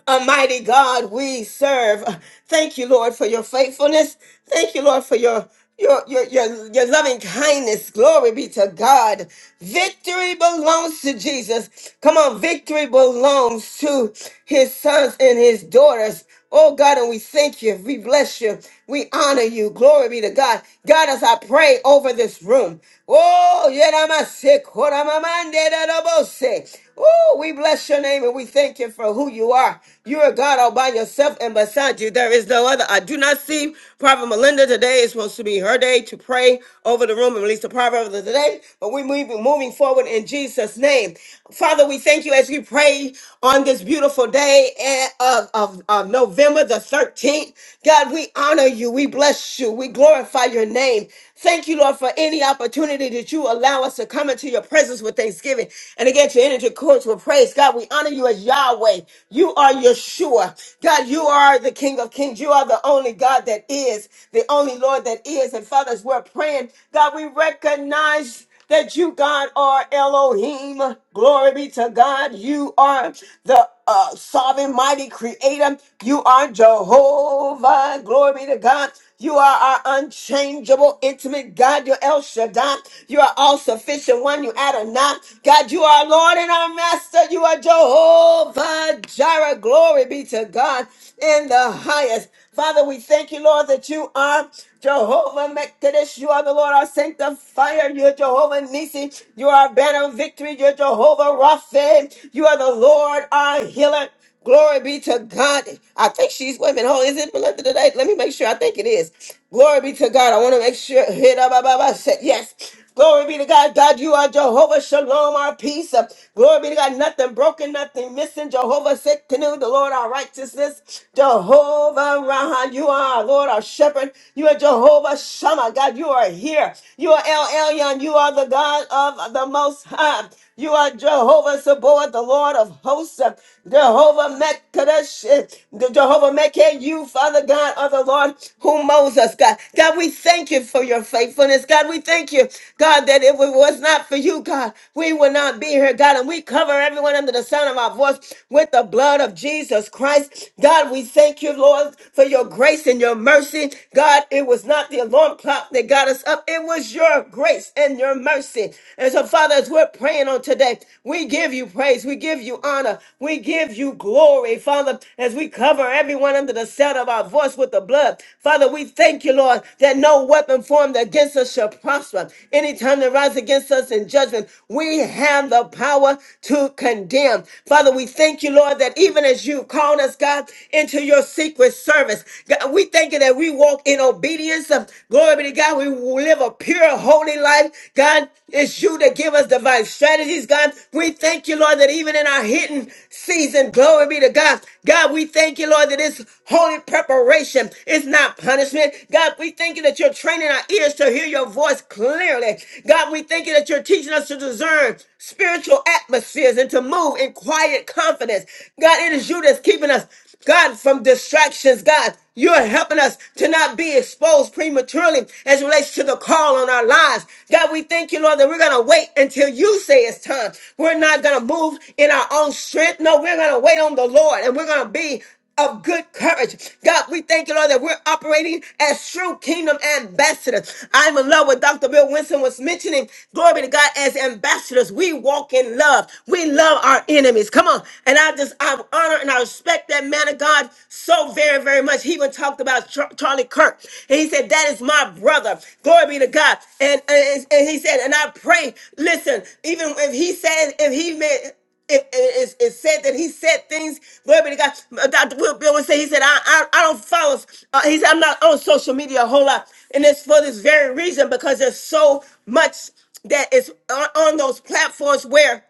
S1: Almighty God, we serve. Thank you, Lord, for your faithfulness. Thank you, Lord, for your your your your, your loving kindness. Glory be to God. Victory belongs to Jesus. Come on, victory belongs to his sons and his daughters. Oh God, and we thank you. We bless you. We honor you. Glory be to God. God, as I pray over this room. Oh, yeramase, koramamande, dadabose. Oh, we bless your name and we thank you for who you are you are. You are God all by yourself, and beside you there is no other. I do not see Prophet Melinda today. It's supposed to be her day to pray over the room and release the proverb of the day. But we move moving forward in Jesus' name. Father, we thank you as we pray on this beautiful day eh, of, of, of November the 13th. God, we honor you. We bless you. We glorify your name. Thank you, Lord, for any opportunity that you allow us to come into your presence with thanksgiving. And again, to enter into courts with praise. God, we honor you as Yahweh. You are Yeshua. God, you are the King of Kings. You are the only God that is, the only Lord that is. And Father, as we're praying, God, we recognize that you, God, are Elohim. Glory be to God. You are the uh, sovereign, mighty creator. You are Jehovah. Glory be to God. You are our unchangeable, intimate God. You're El Shaddai. You are all sufficient one. You Adonai. God, you are Lord and our Master. You are Jehovah Jireh. Glory be to God in the highest. Father, we thank you, Lord, that you are Jehovah Mekadesh. You are the Lord, our sanctifier. You're Jehovah Nisi. You are our banner of victory. You're Jehovah Rapha. You are the Lord, our healer. Glory be to God. I think she's women. Oh, is it Melinda today? Let me make sure. I think it is. Glory be to God. I want to make sure. Hit up, up, up, up. Yes. Glory be to God. God, you are Jehovah Shalom, our peace. Uh, Glory be to God. Nothing broken, nothing missing. Jehovah Sikkenu, the Lord, our righteousness. Jehovah Rahan, you are our Lord, our shepherd. You are Jehovah Shammah. God, you are here. You are El Elyon. You are the God of the Most High. You are Jehovah Sabaoth, the Lord of hosts. Jehovah Mekadesh, the Jehovah Mekah, you, Father God, are the Lord who mows us, God. God, we thank you for your faithfulness. God, we thank you, God, that if it was not for you, God, we would not be here, God. And we cover everyone under the sound of our voice with the blood of Jesus Christ. God, we thank you, Lord, for your grace and your mercy. God, it was not the alarm clock that got us up. It was your grace grace and your mercy. And so, Father, as we're praying on today, we give you praise, we give you honor, we give you glory, Father, as we cover everyone under the sound of our voice with the blood. Father, we thank you, Lord, that no weapon formed against us shall prosper. Any tongue that rise against us in judgment, we have the power to condemn. Father, we thank you, Lord, that even as you called us, God, into your secret service, God, we thank you that we walk in obedience wisdom. Glory be to God. We will live a pure, holy life. God, it's you that give us divine strategies. God, we thank you, Lord, that even in our hidden season, glory be to God. God, we thank you, Lord, that it's holy preparation. It's not punishment. God, we thank you that you're training our ears to hear your voice clearly. God, we thank you that you're teaching us to discern spiritual atmospheres and to move in quiet confidence. God, it is you that's keeping us. God, from distractions, God. You're helping us to not be exposed prematurely as it relates to the call on our lives. God, we thank you, Lord, that we're going to wait until you say it's time. We're not going to move in our own strength. No, we're going to wait on the Lord and we're going to be of good courage. God, we thank you, Lord, that we're operating as true kingdom ambassadors. I'm in love with Dr. Bill Winston was mentioning. Glory be to God. As ambassadors, we walk in love. We love our enemies. Come on. And I just, I honor and I respect that man of God so very, very much. He even talked about Char- Charlie Kirk. And he said, that is my brother. Glory be to God. And, and, and he said, and I pray, listen, even if he says, if he made, it, it, it, it said that he said things. Glory be to God. Uh, Dr. Will Bill would say, he said, I, I, I don't follow. Uh, he said, I'm not on social media a whole lot. And it's for this very reason because there's so much that is on, on those platforms where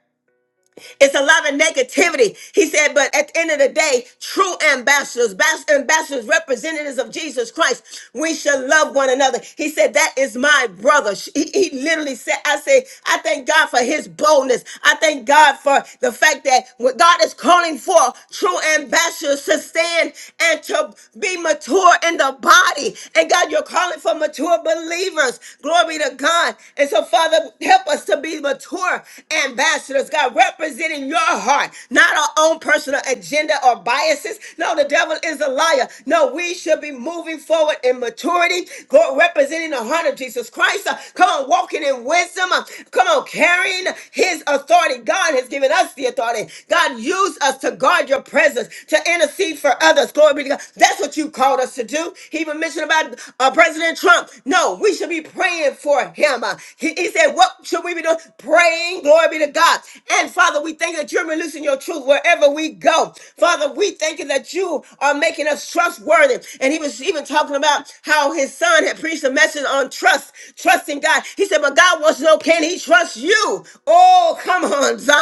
S1: it's a lot of negativity. He said, but at the end of the day, true ambassadors, bas- ambassadors, representatives of Jesus Christ, we should love one another. He said, that is my brother. She- He, he literally said, I say, I thank God for his boldness. I thank God for the fact that what God is calling for true ambassadors to stand and to be mature in the body. And God, you're calling for mature believers. Glory to God. And so, Father, help us to be mature ambassadors ambassadors, God, representing your heart, not our own personal agenda or biases. No, the devil is a liar. No, we should be moving forward in maturity, go representing the heart of Jesus Christ. Uh, Come on, walking in wisdom. Uh, Come on, carrying his authority. God has given us the authority. God, use us to guard your presence, to intercede for others. Glory be to God. That's what you called us to do. He even mentioned about uh, President Trump. No, we should be praying for him. Uh, He, he said, What should we be doing? Pray praying. Glory be to God. And Father, we thank you that you're releasing your truth wherever we go. Father, we thank you that you are making us trustworthy. And he was even talking about how his son had preached a message on trust, trusting God. He said, But God wants to know, can he trust you? Oh, come on, Zion.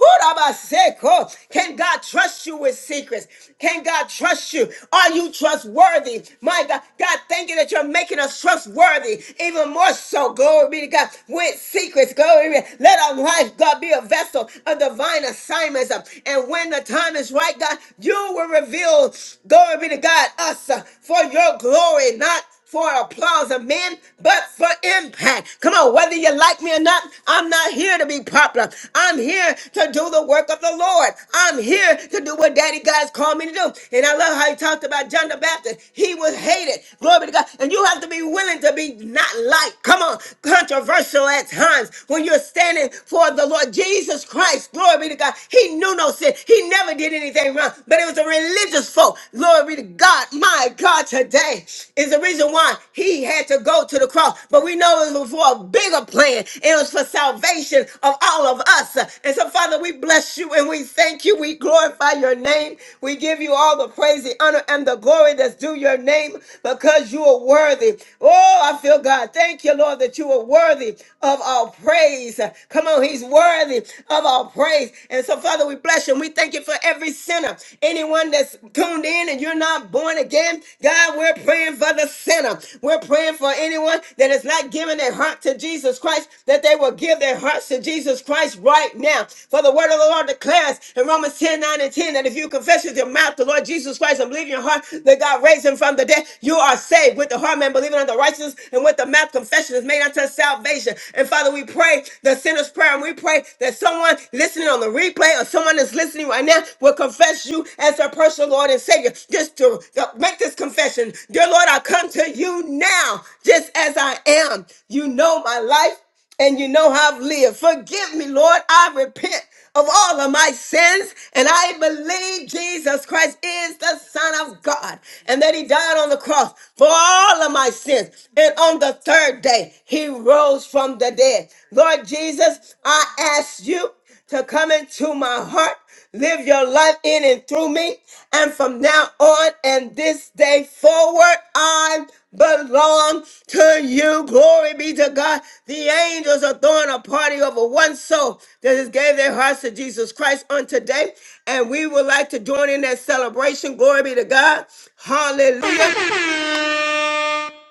S1: Hurabaseko. Can God trust you with secrets? Can God trust you? Are you trustworthy? My God, God, thank you that you're making us trustworthy even more so. Glory be to God. With secrets. Glory. be- Let our life, God, be a vessel of divine assignments. uh, And when the time is right, God, you will reveal, glory be to God, us uh, for your glory, not for applause of men, but for impact. Come on, whether you like me or not, I'm not here to be popular. I'm here to do the work of the Lord. I'm here to do what Daddy God's called me to do. And I love how he talked about John the Baptist. He was hated. Glory be to God. And you have to be willing to be not liked. Come on controversial at times when you're standing for the Lord Jesus Christ. Glory be to God. He knew no sin. He never did anything wrong, but it was a religious folk. Glory be to God. My God, today is the reason why he had to go to the cross. But we know it was for a bigger plan. It was for salvation of all of us. And so, Father, we bless you and we thank you. We glorify your name. We give you all the praise, the honor, and the glory that's due your name because you are worthy. Oh, I feel God thank you, Lord, that you are worthy of our praise. Come on, He's worthy of our praise. And so, Father, we bless you and we thank you for every sinner. Anyone that's tuned in and you're not born again, God, we're praying for the sinner. We're praying for anyone that is not giving their heart to Jesus Christ, that they will give their hearts to Jesus Christ right now. For the word of the Lord declares in Romans 10 9 and 10 that if you confess with your mouth the Lord Jesus Christ and believe in your heart that God raised him from the dead, you are saved with the heart man believing on the righteousness and with the mouth confession is made unto salvation. And Father, we pray the sinner's prayer and we pray that someone listening on the replay or someone that's listening right now will confess you as their personal Lord and Savior. Just to to make this confession. Dear Lord, I come to you now just as I am. You know my life and you know how I've lived. Forgive me, Lord. I repent of all of my sins, and I believe Jesus Christ is the Son of God, and that He died on the cross for all of my sins. And on the third day, He rose from the dead. Lord Jesus, I ask you to come into my heart. Live your life in and through me. And from now on and this day forward, I belong to you. Glory be to God. The angels are throwing a party over one soul that has gave their hearts to Jesus Christ on today. And we would like to join in that celebration. Glory be to God. Hallelujah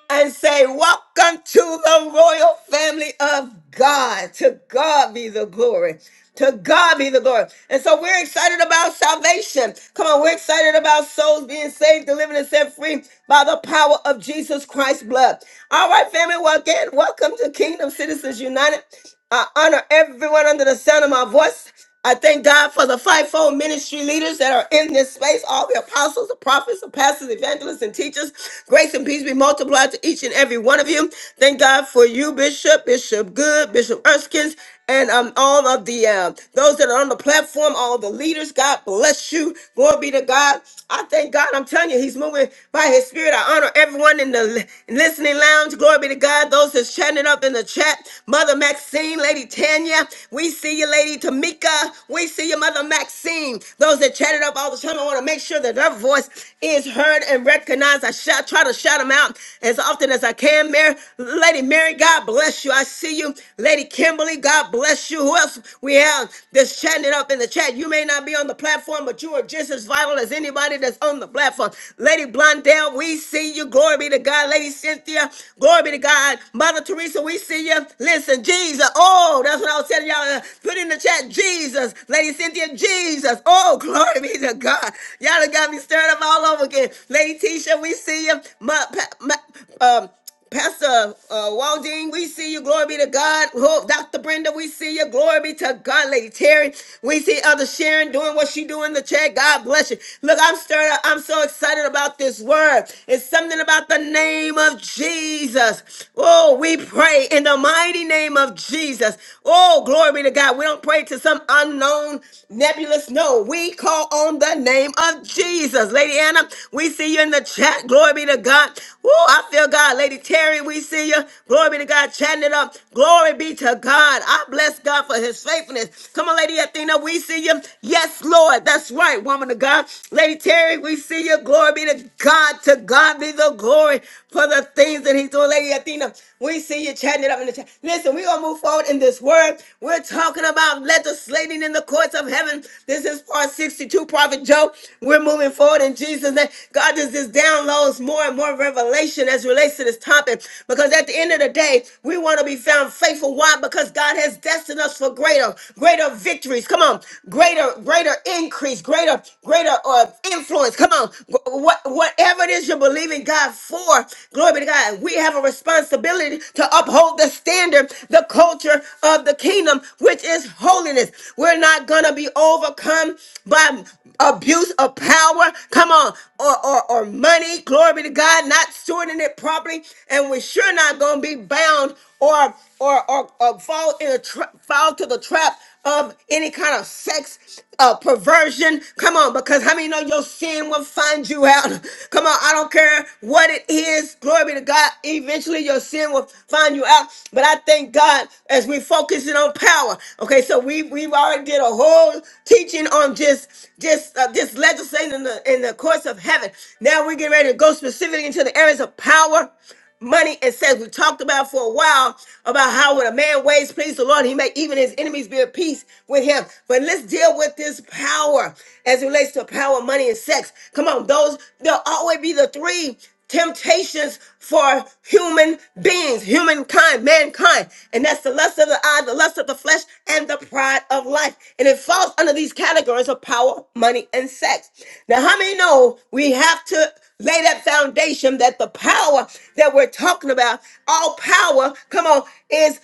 S1: and say, Welcome to the royal family of God. To God be the glory. To God be the glory. And so we're excited about salvation. Come on, we're excited about souls being saved, delivered, and set free by the power of Jesus Christ's blood. All right, family, well, again, welcome to Kingdom Citizens United. I honor everyone under the sound of my voice. I thank God for the fivefold ministry leaders that are in this space, all the apostles, the prophets, the pastors, evangelists, and teachers. Grace and peace be multiplied to each and every one of you. Thank God for you, Bishop, Bishop Good, Bishop Erskine and um, all of the um, those that are on the platform, all the leaders. God bless you. Glory be to God. I thank God. I'm telling you, He's moving by His Spirit. I honor everyone in the li- listening lounge. Glory be to God. Those that's chatting it up in the chat. Mother Maxine, Lady Tanya, we see you, Lady Tamika. We see you, Mother Maxine. Those that chatted up all the time, I want to make sure that their voice is heard and recognized. I shout, try to shout them out as often as I can. Mary, Lady Mary, God bless you. I see you, Lady Kimberly. God God bless you. Who else we have that's chatting it up in the chat? You may not be on the platform, but you are just as vital as anybody that's on the platform. Lady Blondell, we see you. Glory be to God. Lady Cynthia, glory be to God. Mother Teresa, we see you. Listen, Jesus. Oh, that's what I was telling y'all. Uh, Put in the chat, Jesus. Lady Cynthia, Jesus. Oh, glory be to God. Y'all done got me stirred up all over again. Lady Tisha, we see you. Ma- pa- ma- um, Pastor uh, Waldine, we see you. Glory be to God. Oh, Dr. Brenda, we see you. Glory be to God. Lady Terry, we see Elder Sharon doing what she do in the chat. God bless you. Look, I'm stirred up. I'm so excited about this word. It's something about the name of Jesus. Oh, we pray in the mighty name of Jesus. Oh, glory be to God. We don't pray to some unknown nebulous. No, we call on the name of Jesus. Jesus. Lady Anna, we see you in the chat. Glory be to God. Woo, I feel God. Lady Terry, we see you. Glory be to God. Chatting it up. Glory be to God. I bless God for his faithfulness. Come on, Lady Athena, we see you. Yes, Lord. That's right, woman of God. Lady Terry, we see you. Glory be to God. To God be the glory for the things that he's doing. Lady Athena, we see you chatting it up in the chat. Listen, we're going to move forward in this word. We're talking about legislating in the courts of heaven. This is part 62, Prophet Joe. We're moving forward in Jesus' name. God does this downloads more and more revelation as relates to this topic because at the end of the day, we want to be found faithful. Why? Because God has destined us for greater, greater victories. Come on, greater, greater increase, greater, greater uh, influence. Come on, what whatever it is you're believing God for, glory be to God. We have a responsibility to uphold the standard, the culture of the kingdom, which is holiness. We're not gonna be overcome by abuse of power. Come on, or or, or money. Glory be to God. Not stewarding it properly, and we're sure not gonna be bound or or or, or fall in a tra- fall to the trap of any kind of sex uh, perversion virgin. Come on, because how many know your sin will find you out? Come on, I don't care what it is. Glory be to God. Eventually, your sin will find you out. But I thank God as we focusing on power. Okay, so we we've already did a whole teaching on just just uh, just legislating in the in the course of heaven. Now we get ready to go specifically into the areas of power money and sex. We talked about for a while about how when a man ways please the Lord, he may even his enemies be at peace with him. But let's deal with this power as it relates to power, money, and sex. Come on, those there'll always be the three temptations for human beings, humankind, mankind. And that's the lust of the eye, the lust of the flesh, and the pride of life. And it falls under these categories of power, money, and sex. Now, how many know we have to? Lay that foundation that the power that we're talking about, all power, come on, is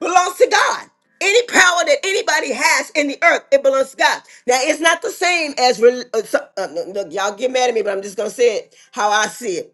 S1: belongs to God. Any power that anybody has in the earth, it belongs to God. Now, it's not the same as, rel- uh, so- uh, look, y'all get mad at me, but I'm just going to say it how I see it.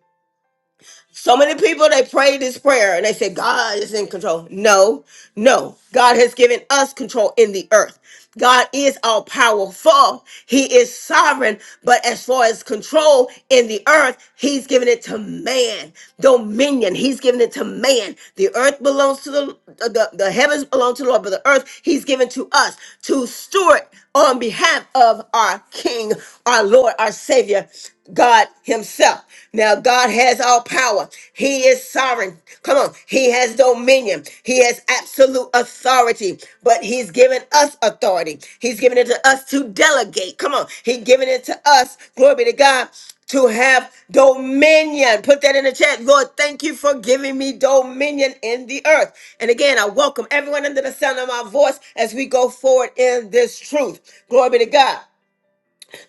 S1: So many people they pray this prayer and they say God is in control. No, no, God has given us control in the earth. God is all powerful. He is sovereign. But as far as control in the earth, He's given it to man. Dominion, He's given it to man. The earth belongs to the the, the heavens belong to the Lord, but the earth He's given to us to steward on behalf of our King, our Lord, our Savior. God Himself. Now, God has all power. He is sovereign. Come on. He has dominion. He has absolute authority, but He's given us authority. He's given it to us to delegate. Come on. He's given it to us, glory be to God, to have dominion. Put that in the chat. Lord, thank you for giving me dominion in the earth. And again, I welcome everyone under the sound of my voice as we go forward in this truth. Glory be to God.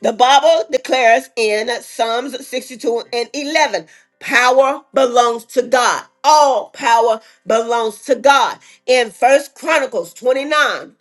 S1: The Bible declares in Psalms 62 and 11 power belongs to God. All power belongs to God. In First Chronicles 29:11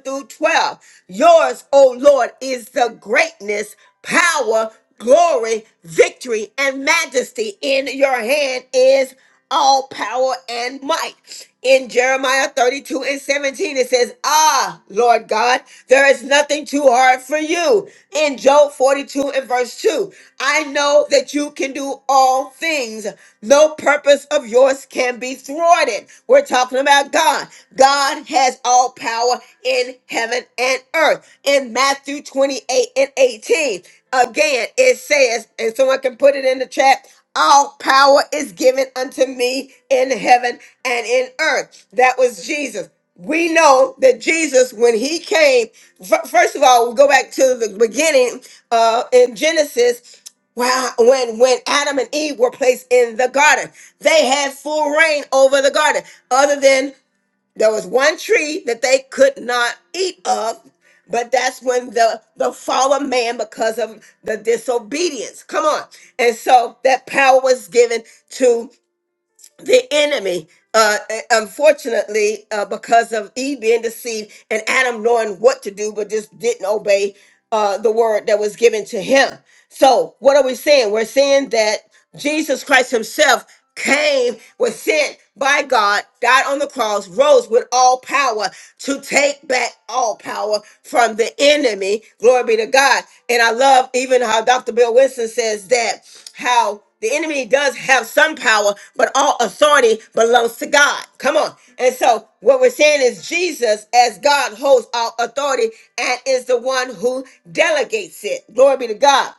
S1: through 12, yours, O Lord, is the greatness, power, glory, victory, and majesty in your hand is all power and might. In Jeremiah 32 and 17, it says, Ah, Lord God, there is nothing too hard for you. In Job 42 and verse 2, I know that you can do all things. No purpose of yours can be thwarted. We're talking about God. God has all power in heaven and earth. In Matthew 28 and 18, again, it says, and someone can put it in the chat all power is given unto me in heaven and in earth. That was Jesus. We know that Jesus, when he came, fir- first of all, we go back to the beginning uh, in Genesis. Wow, when when Adam and Eve were placed in the garden, they had full reign over the garden, other than there was one tree that they could not eat of, but that's when the the fall of man because of the disobedience. Come on, and so that power was given the enemy uh uh, unfortunately uh because of eve being deceived and adam knowing what to do but just didn't obey uh the word that was given to him so what are we saying we're saying that jesus christ himself came was sent by god died on the cross rose with all power to take back all power from the enemy glory be to god and i love even how dr bill winston says that how the enemy does have some power, but all authority belongs to God. Come on. And so what we're saying is Jesus, as God, holds all authority and is the one who delegates it. Glory be to God.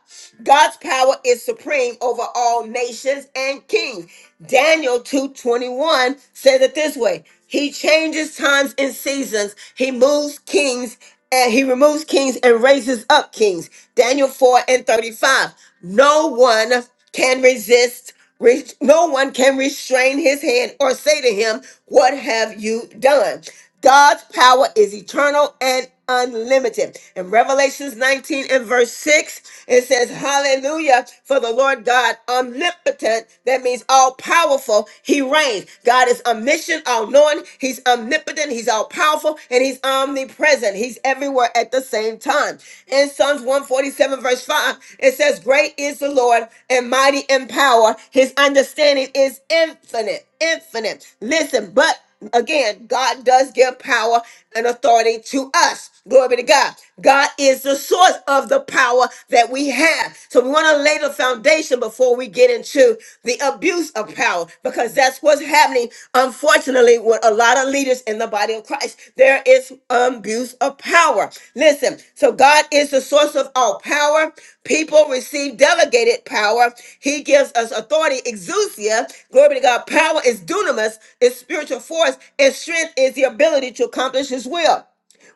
S1: God's power is supreme over all nations and kings. Daniel 2:21 says it this way. He changes times and seasons. He moves kings and he removes kings and raises up kings. Daniel 4 and 35. No one can resist, re- no one can restrain his hand or say to him, What have you done? God's power is eternal and unlimited. In Revelations 19 and verse 6, it says, Hallelujah, for the Lord God omnipotent, that means all powerful, he reigns. God is omniscient, all knowing, He's omnipotent, He's all powerful, and He's omnipresent. He's everywhere at the same time. In Psalms 147, verse 5, it says, Great is the Lord and mighty in power. His understanding is infinite, infinite. Listen, but Again, God does give power and authority to us. Glory be to God. God is the source of the power that we have. So we want to lay the foundation before we get into the abuse of power because that's what's happening, unfortunately, with a lot of leaders in the body of Christ. There is abuse of power. Listen, so God is the source of all power. People receive delegated power. He gives us authority, exousia. Glory be to God. Power is dunamis, is spiritual force, and strength is the ability to accomplish his will.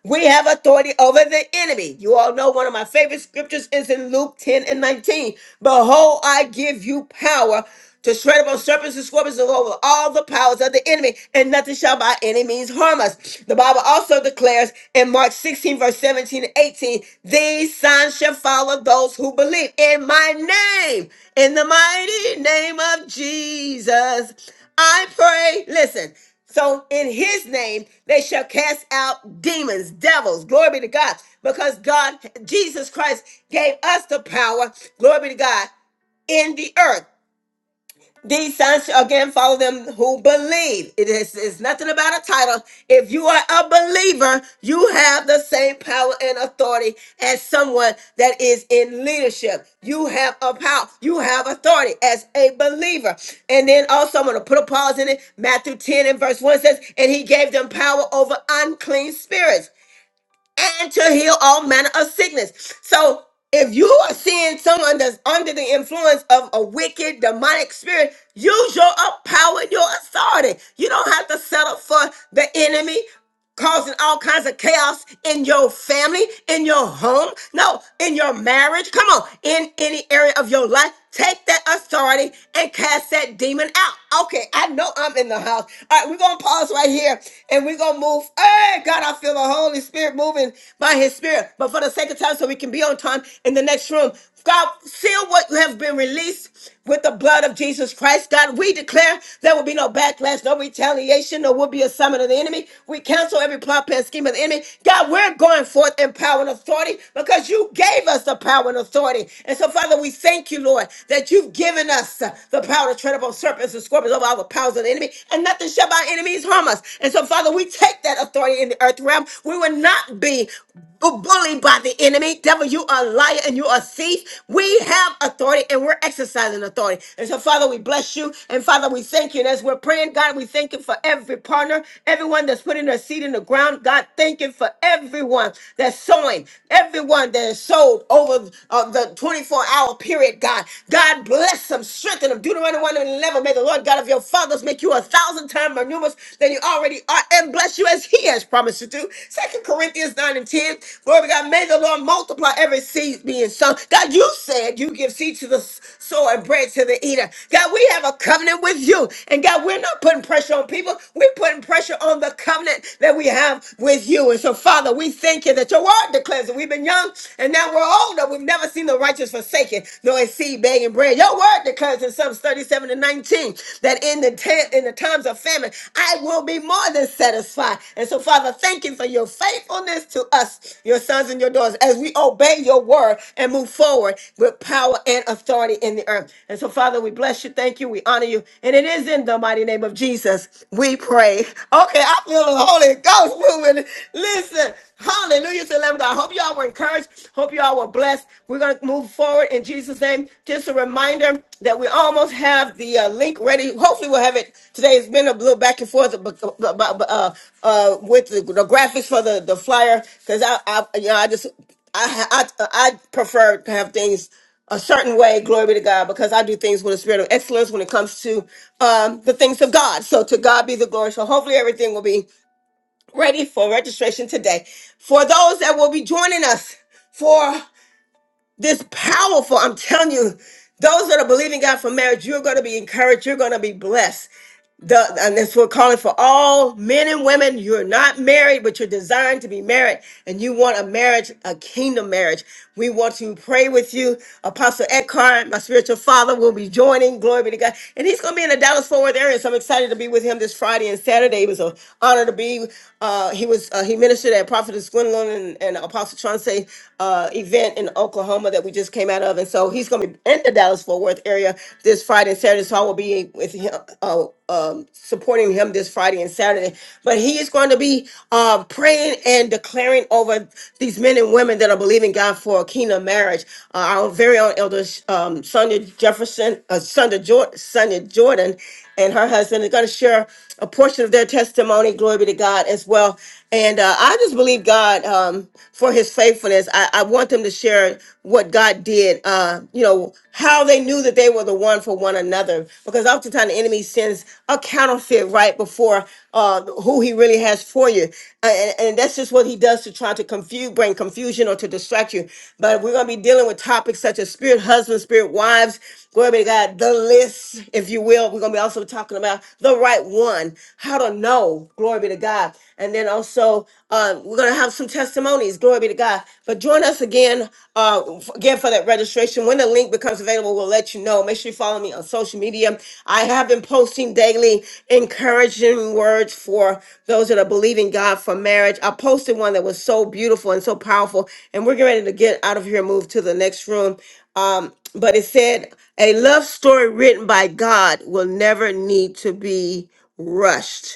S1: We have authority over the enemy. You all know one of my favorite scriptures is in Luke 10 and 19. Behold, I give you power to tread upon serpents and scorpions and over all the powers of the enemy, and nothing shall by any means harm us. The Bible also declares in Mark 16, verse 17 and 18, these signs shall follow those who believe in my name, in the mighty name of Jesus. I pray, listen. So in his name, they shall cast out demons, devils. Glory be to God. Because God, Jesus Christ gave us the power, glory be to God, in the earth. These signs shall again follow them who believe. It is it's nothing about a title. If you are a believer, you have the same power and authority as someone that is in leadership. You have a power. You have authority as a believer. And then also, I'm going to put a pause in it. Matthew 10 and verse 1 says, And he gave them power over unclean spirits and to heal all manner of sickness. So if you are seeing someone that's under the influence of a wicked demonic spirit, use your up power, your authority. You don't have to settle for the enemy causing all kinds of chaos in your family, in your home, no, in your marriage. Come on, in any area of your life, Take that authority and cast that demon out. Okay, I know I'm in the house. All right, we're going to pause right here and we're going to move. Hey, God, I feel the Holy Spirit moving by His Spirit. But for the sake of time, so we can be on time in the next room, God, seal what you have been released with the blood of Jesus Christ. God, we declare there will be no backlash, no retaliation, no will be a summit of the enemy. We cancel every plot, plan, scheme of the enemy. God, we're going forth in power and authority because you gave us the power and authority glory. And so, Father, we thank you, Lord, that you've given us uh, the power to tread upon serpents and scorpions over all the powers of the enemy, and nothing shall by enemies harm us. And so, Father, we take that authority in the earth realm. We will not be bu- bullied by the enemy. Devil, you are a liar and you are a thief. We have authority and we're exercising authority. And so, Father, we bless you. And Father, we thank you. And as we're praying, God, we thank you for every partner, everyone that's putting their seed in the ground. God, thank you for everyone that's sowing, everyone that is and sold over uh, the 24 hour period, God. God bless them, strengthen them. Deuteronomy 1 and 11. May the Lord God of your fathers make you a thousand times more numerous than you already are and bless you as He has promised to do. Second Corinthians 9 and 10. Glory to God. May the Lord multiply every seed being sown. God, you said you give seed to the sower and bread to the eater. God, we have a covenant with you. And God, we're not putting pressure on people, we're putting pressure on the covenant that we have with you. And so, Father, we thank you that your your word declares that we've been young and now we're older. We've never seen the righteous forsaken, nor a seed begging bread. Your word declares in Psalms 37 and 19 that in the ta- in the times of famine, I will be more than satisfied. And so, Father, thank you for your faithfulness to us, your sons and your daughters, as we obey your word and move forward with power and authority in the earth. And so, Father, we bless you, thank you, we honor you. And it is in the mighty name of Jesus we pray. Okay, I feel the Holy Ghost moving. Listen. Hallelujah. It's 11. I hope y'all were encouraged. Hope y'all were blessed. We're going to move forward in Jesus' name. Just a reminder that we almost have the uh, link ready. Hopefully, we'll have it today. It's been a little back and forth but, but, but, uh, uh, with the, the graphics for the, the flyer because I, I, you know, I just, I, I, I prefer to have things a certain way, glory be to God, because I do things with a spirit of excellence when it comes to um, the things of God. So to God be the glory. So hopefully everything will be ready for registration today. For those that will be joining us for this powerful, I'm telling you, those that are believing God for marriage, you're going to be encouraged. You're going to be blessed. The, and that's what we're calling for all men and women. You're not married, but you're designed to be married, and you want a marriage, a kingdom marriage. We want to pray with you. Apostle Eckhart, my spiritual father, will be joining. Glory be to God. And he's going to be in the Dallas Fort Worth area, so I'm excited to be with him this Friday and Saturday. It was an honor to be. Uh, he was uh, he ministered at Prophetess Gwendolyn and, and Apostle Chauncey uh, event in Oklahoma that we just came out of, and so he's going to be in the Dallas Fort Worth area area this Friday and Saturday. So I will be with him, uh, um, supporting him this Friday and Saturday. But he is going to be uh, praying and declaring over these men and women that are believing God for a kingdom marriage. Uh, our very own elder um, Sonia Jefferson, uh, Sonia, Jordan, Sonia Jordan, and her husband are going to share a portion of their testimony. Glory be to God as well. And uh, I just believe God um, for His faithfulness. I, I want them to share learn what God did, uh, you know, how they knew that they were the one for one another. Because oftentimes the enemy sends a counterfeit right before uh, who he really has for you. And, and that's just what he does to try to confuse, bring confusion or to distract you. But we're going to be dealing with topics such as spirit husbands, spirit wives, glory be to God, the list, if you will. We're going to be also talking about the right one, how to know, glory be to God. And then also, um, we're going going to have some testimonies. Glory be to God. But join us again, uh, f- again for that registration. When the link becomes available, we'll let you know. Make sure you follow me on social media. I have been posting daily encouraging words for those that are believing God for marriage. I posted one that was so beautiful and so powerful. And we're getting ready to get out of here and move to the next room. Um, but it said, a love story written by God will never need to be rushed.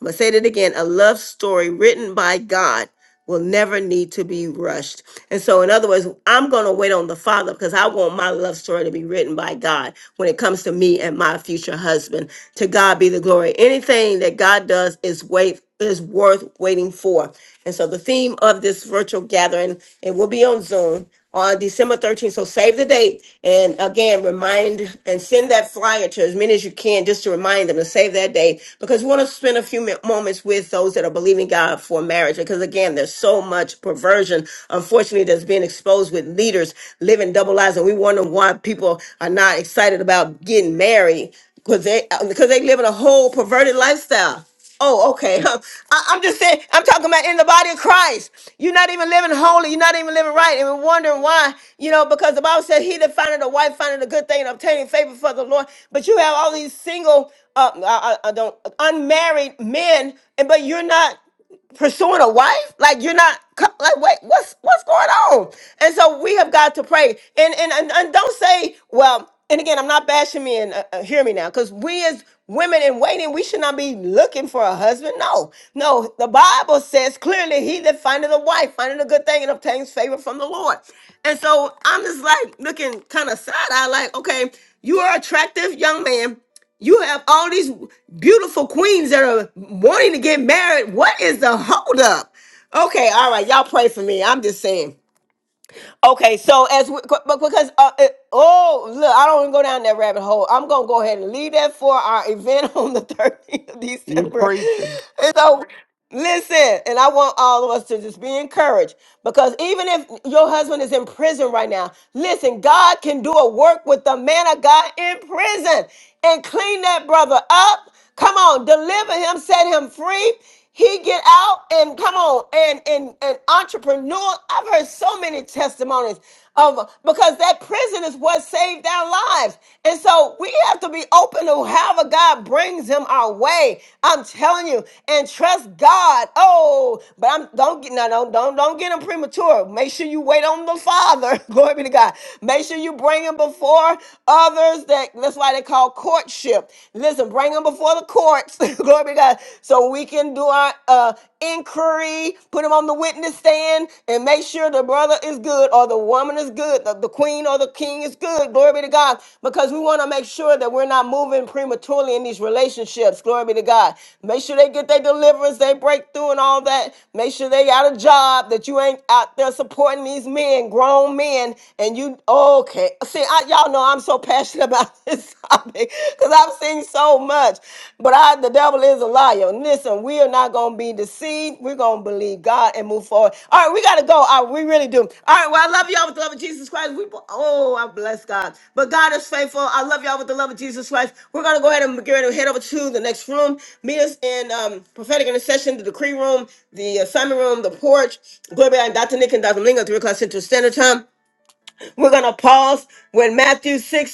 S1: I'm going to say that again. A love story written by God will never need to be rushed. And so, in other words, I'm going to wait on the Father because I want my love story to be written by God when it comes to me and my future husband. To God be the glory. Anything that God does is wait is worth waiting for. And so the theme of this virtual gathering, it will be on Zoom, on December 13th. So save the date. And again, remind and send that flyer to as many as you can just to remind them to save that date because we want to spend a few mi- moments with those that are believing God for marriage. Because again, there's so much perversion, unfortunately, that's being exposed with leaders living double lives. And we wonder why people are not excited about getting married because they, because they live in a whole perverted lifestyle. Oh, okay. I, I'm just saying, I'm talking about in the body of Christ. You're not even living holy. You're not even living right. And we're wondering why, you know, because the Bible says he that findeth a wife findeth a good thing and obtaining favor for the Lord. But you have all these single, uh, I, I I don't, unmarried men, and but you're not pursuing a wife like you're not co- like wait what's what's going on and so we have got to pray and and and, and don't say well and again i'm not bashing men uh, uh, hear me now because we as women in waiting we should not be looking for a husband no no the bible says clearly he that findeth a wife findeth a good thing and obtains favor from the lord and so i'm just like looking kind of side eye like okay you are attractive young man you have all these beautiful queens that are wanting to get married. What is the holdup? Okay, all right, y'all pray for me. I'm just saying. Okay, so as we, qu- but because uh, it, oh look, I don't want to go down that rabbit hole. I'm gonna go ahead and leave that for our event on the 30th of
S14: You
S1: December.
S14: preaching.
S1: And so listen, and I want all of us to just be encouraged because even if your husband is in prison right now, listen, God can do a work with the man of God in prison and clean that brother up. Come on, deliver him, set him free. He get out and come on and and and entrepreneur. I've heard so many testimonies of because that prison is what saved our lives, and so we have to be open to however God brings him our way. I'm telling you, and trust God. Oh, but I'm don't get no don't don't don't get him premature. Make sure you wait on the Father. Glory be to God. Make sure you bring him before others. That that's why they call courtship. Listen, bring bring them before the courts. Glory be to God. So we can do our uh, inquiry, put them on the witness stand, and make sure the brother is good or the woman is good, the, the queen or the king is good. Glory be to God. Because we want to make sure that we're not moving prematurely in these relationships. Glory be to God. Make sure they get their deliverance, their breakthrough, and all that. Make sure they got a job, that you ain't out there supporting these men, grown men, and you, okay. See, I, y'all know I'm so passionate about this topic because I've seen so much. But I, the devil is a liar. Listen, we are not going to be deceived. We're going to believe God and move forward. All right, we got to go. All right, we really do. All right, well, I love y'all with the love of Jesus Christ. We, oh, I bless God. But God is faithful. I love y'all with the love of Jesus Christ. We're going to go ahead and get ready to head over to the next room. Meet us in um, prophetic intercession, the decree room, the assignment room, the porch. Glory be to God, Dr. Nick and Dr. Lingo, 3 o'clock Central Standard Time. We're going to pause with Matthew 6:33.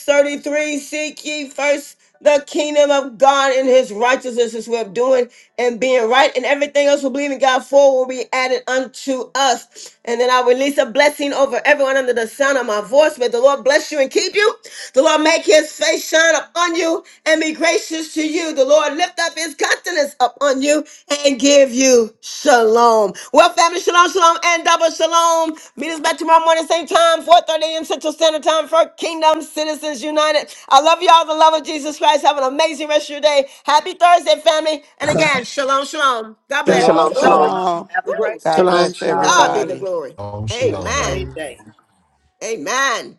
S1: Seek ye first the kingdom of God and his righteousness is worth doing and being right, and everything else we believe in God for will be added unto us. And then I release a blessing over everyone under the sound of my voice. May the Lord bless you and keep you. The Lord make his face shine upon you and be gracious gracious to you. The Lord lift up his countenance upon you and give you shalom. Well, family, shalom, shalom, and double shalom. Meet us back tomorrow morning, same time, 4.30 a.m. Central Standard Time for Kingdom Citizens United. I love y'all. The love of Jesus Christ. Have an amazing rest of your day. Happy Thursday, family. And again, shalom, shalom. God bless.
S5: Shalom,
S1: Woo,
S14: Shalom,
S10: Shalom,
S1: woo,
S5: shalom.
S10: shalom.
S14: shalom.
S5: Have a
S1: woo.
S5: great
S1: To
S14: God
S5: day,
S2: Shalom,
S14: bless
S1: God be
S5: everybody.
S2: shalom.
S1: the
S14: everybody.
S1: glory.
S11: Shalom,
S5: Have a
S11: shalom.
S1: Amen.
S5: great
S2: Blessings.
S5: day.
S1: Amen.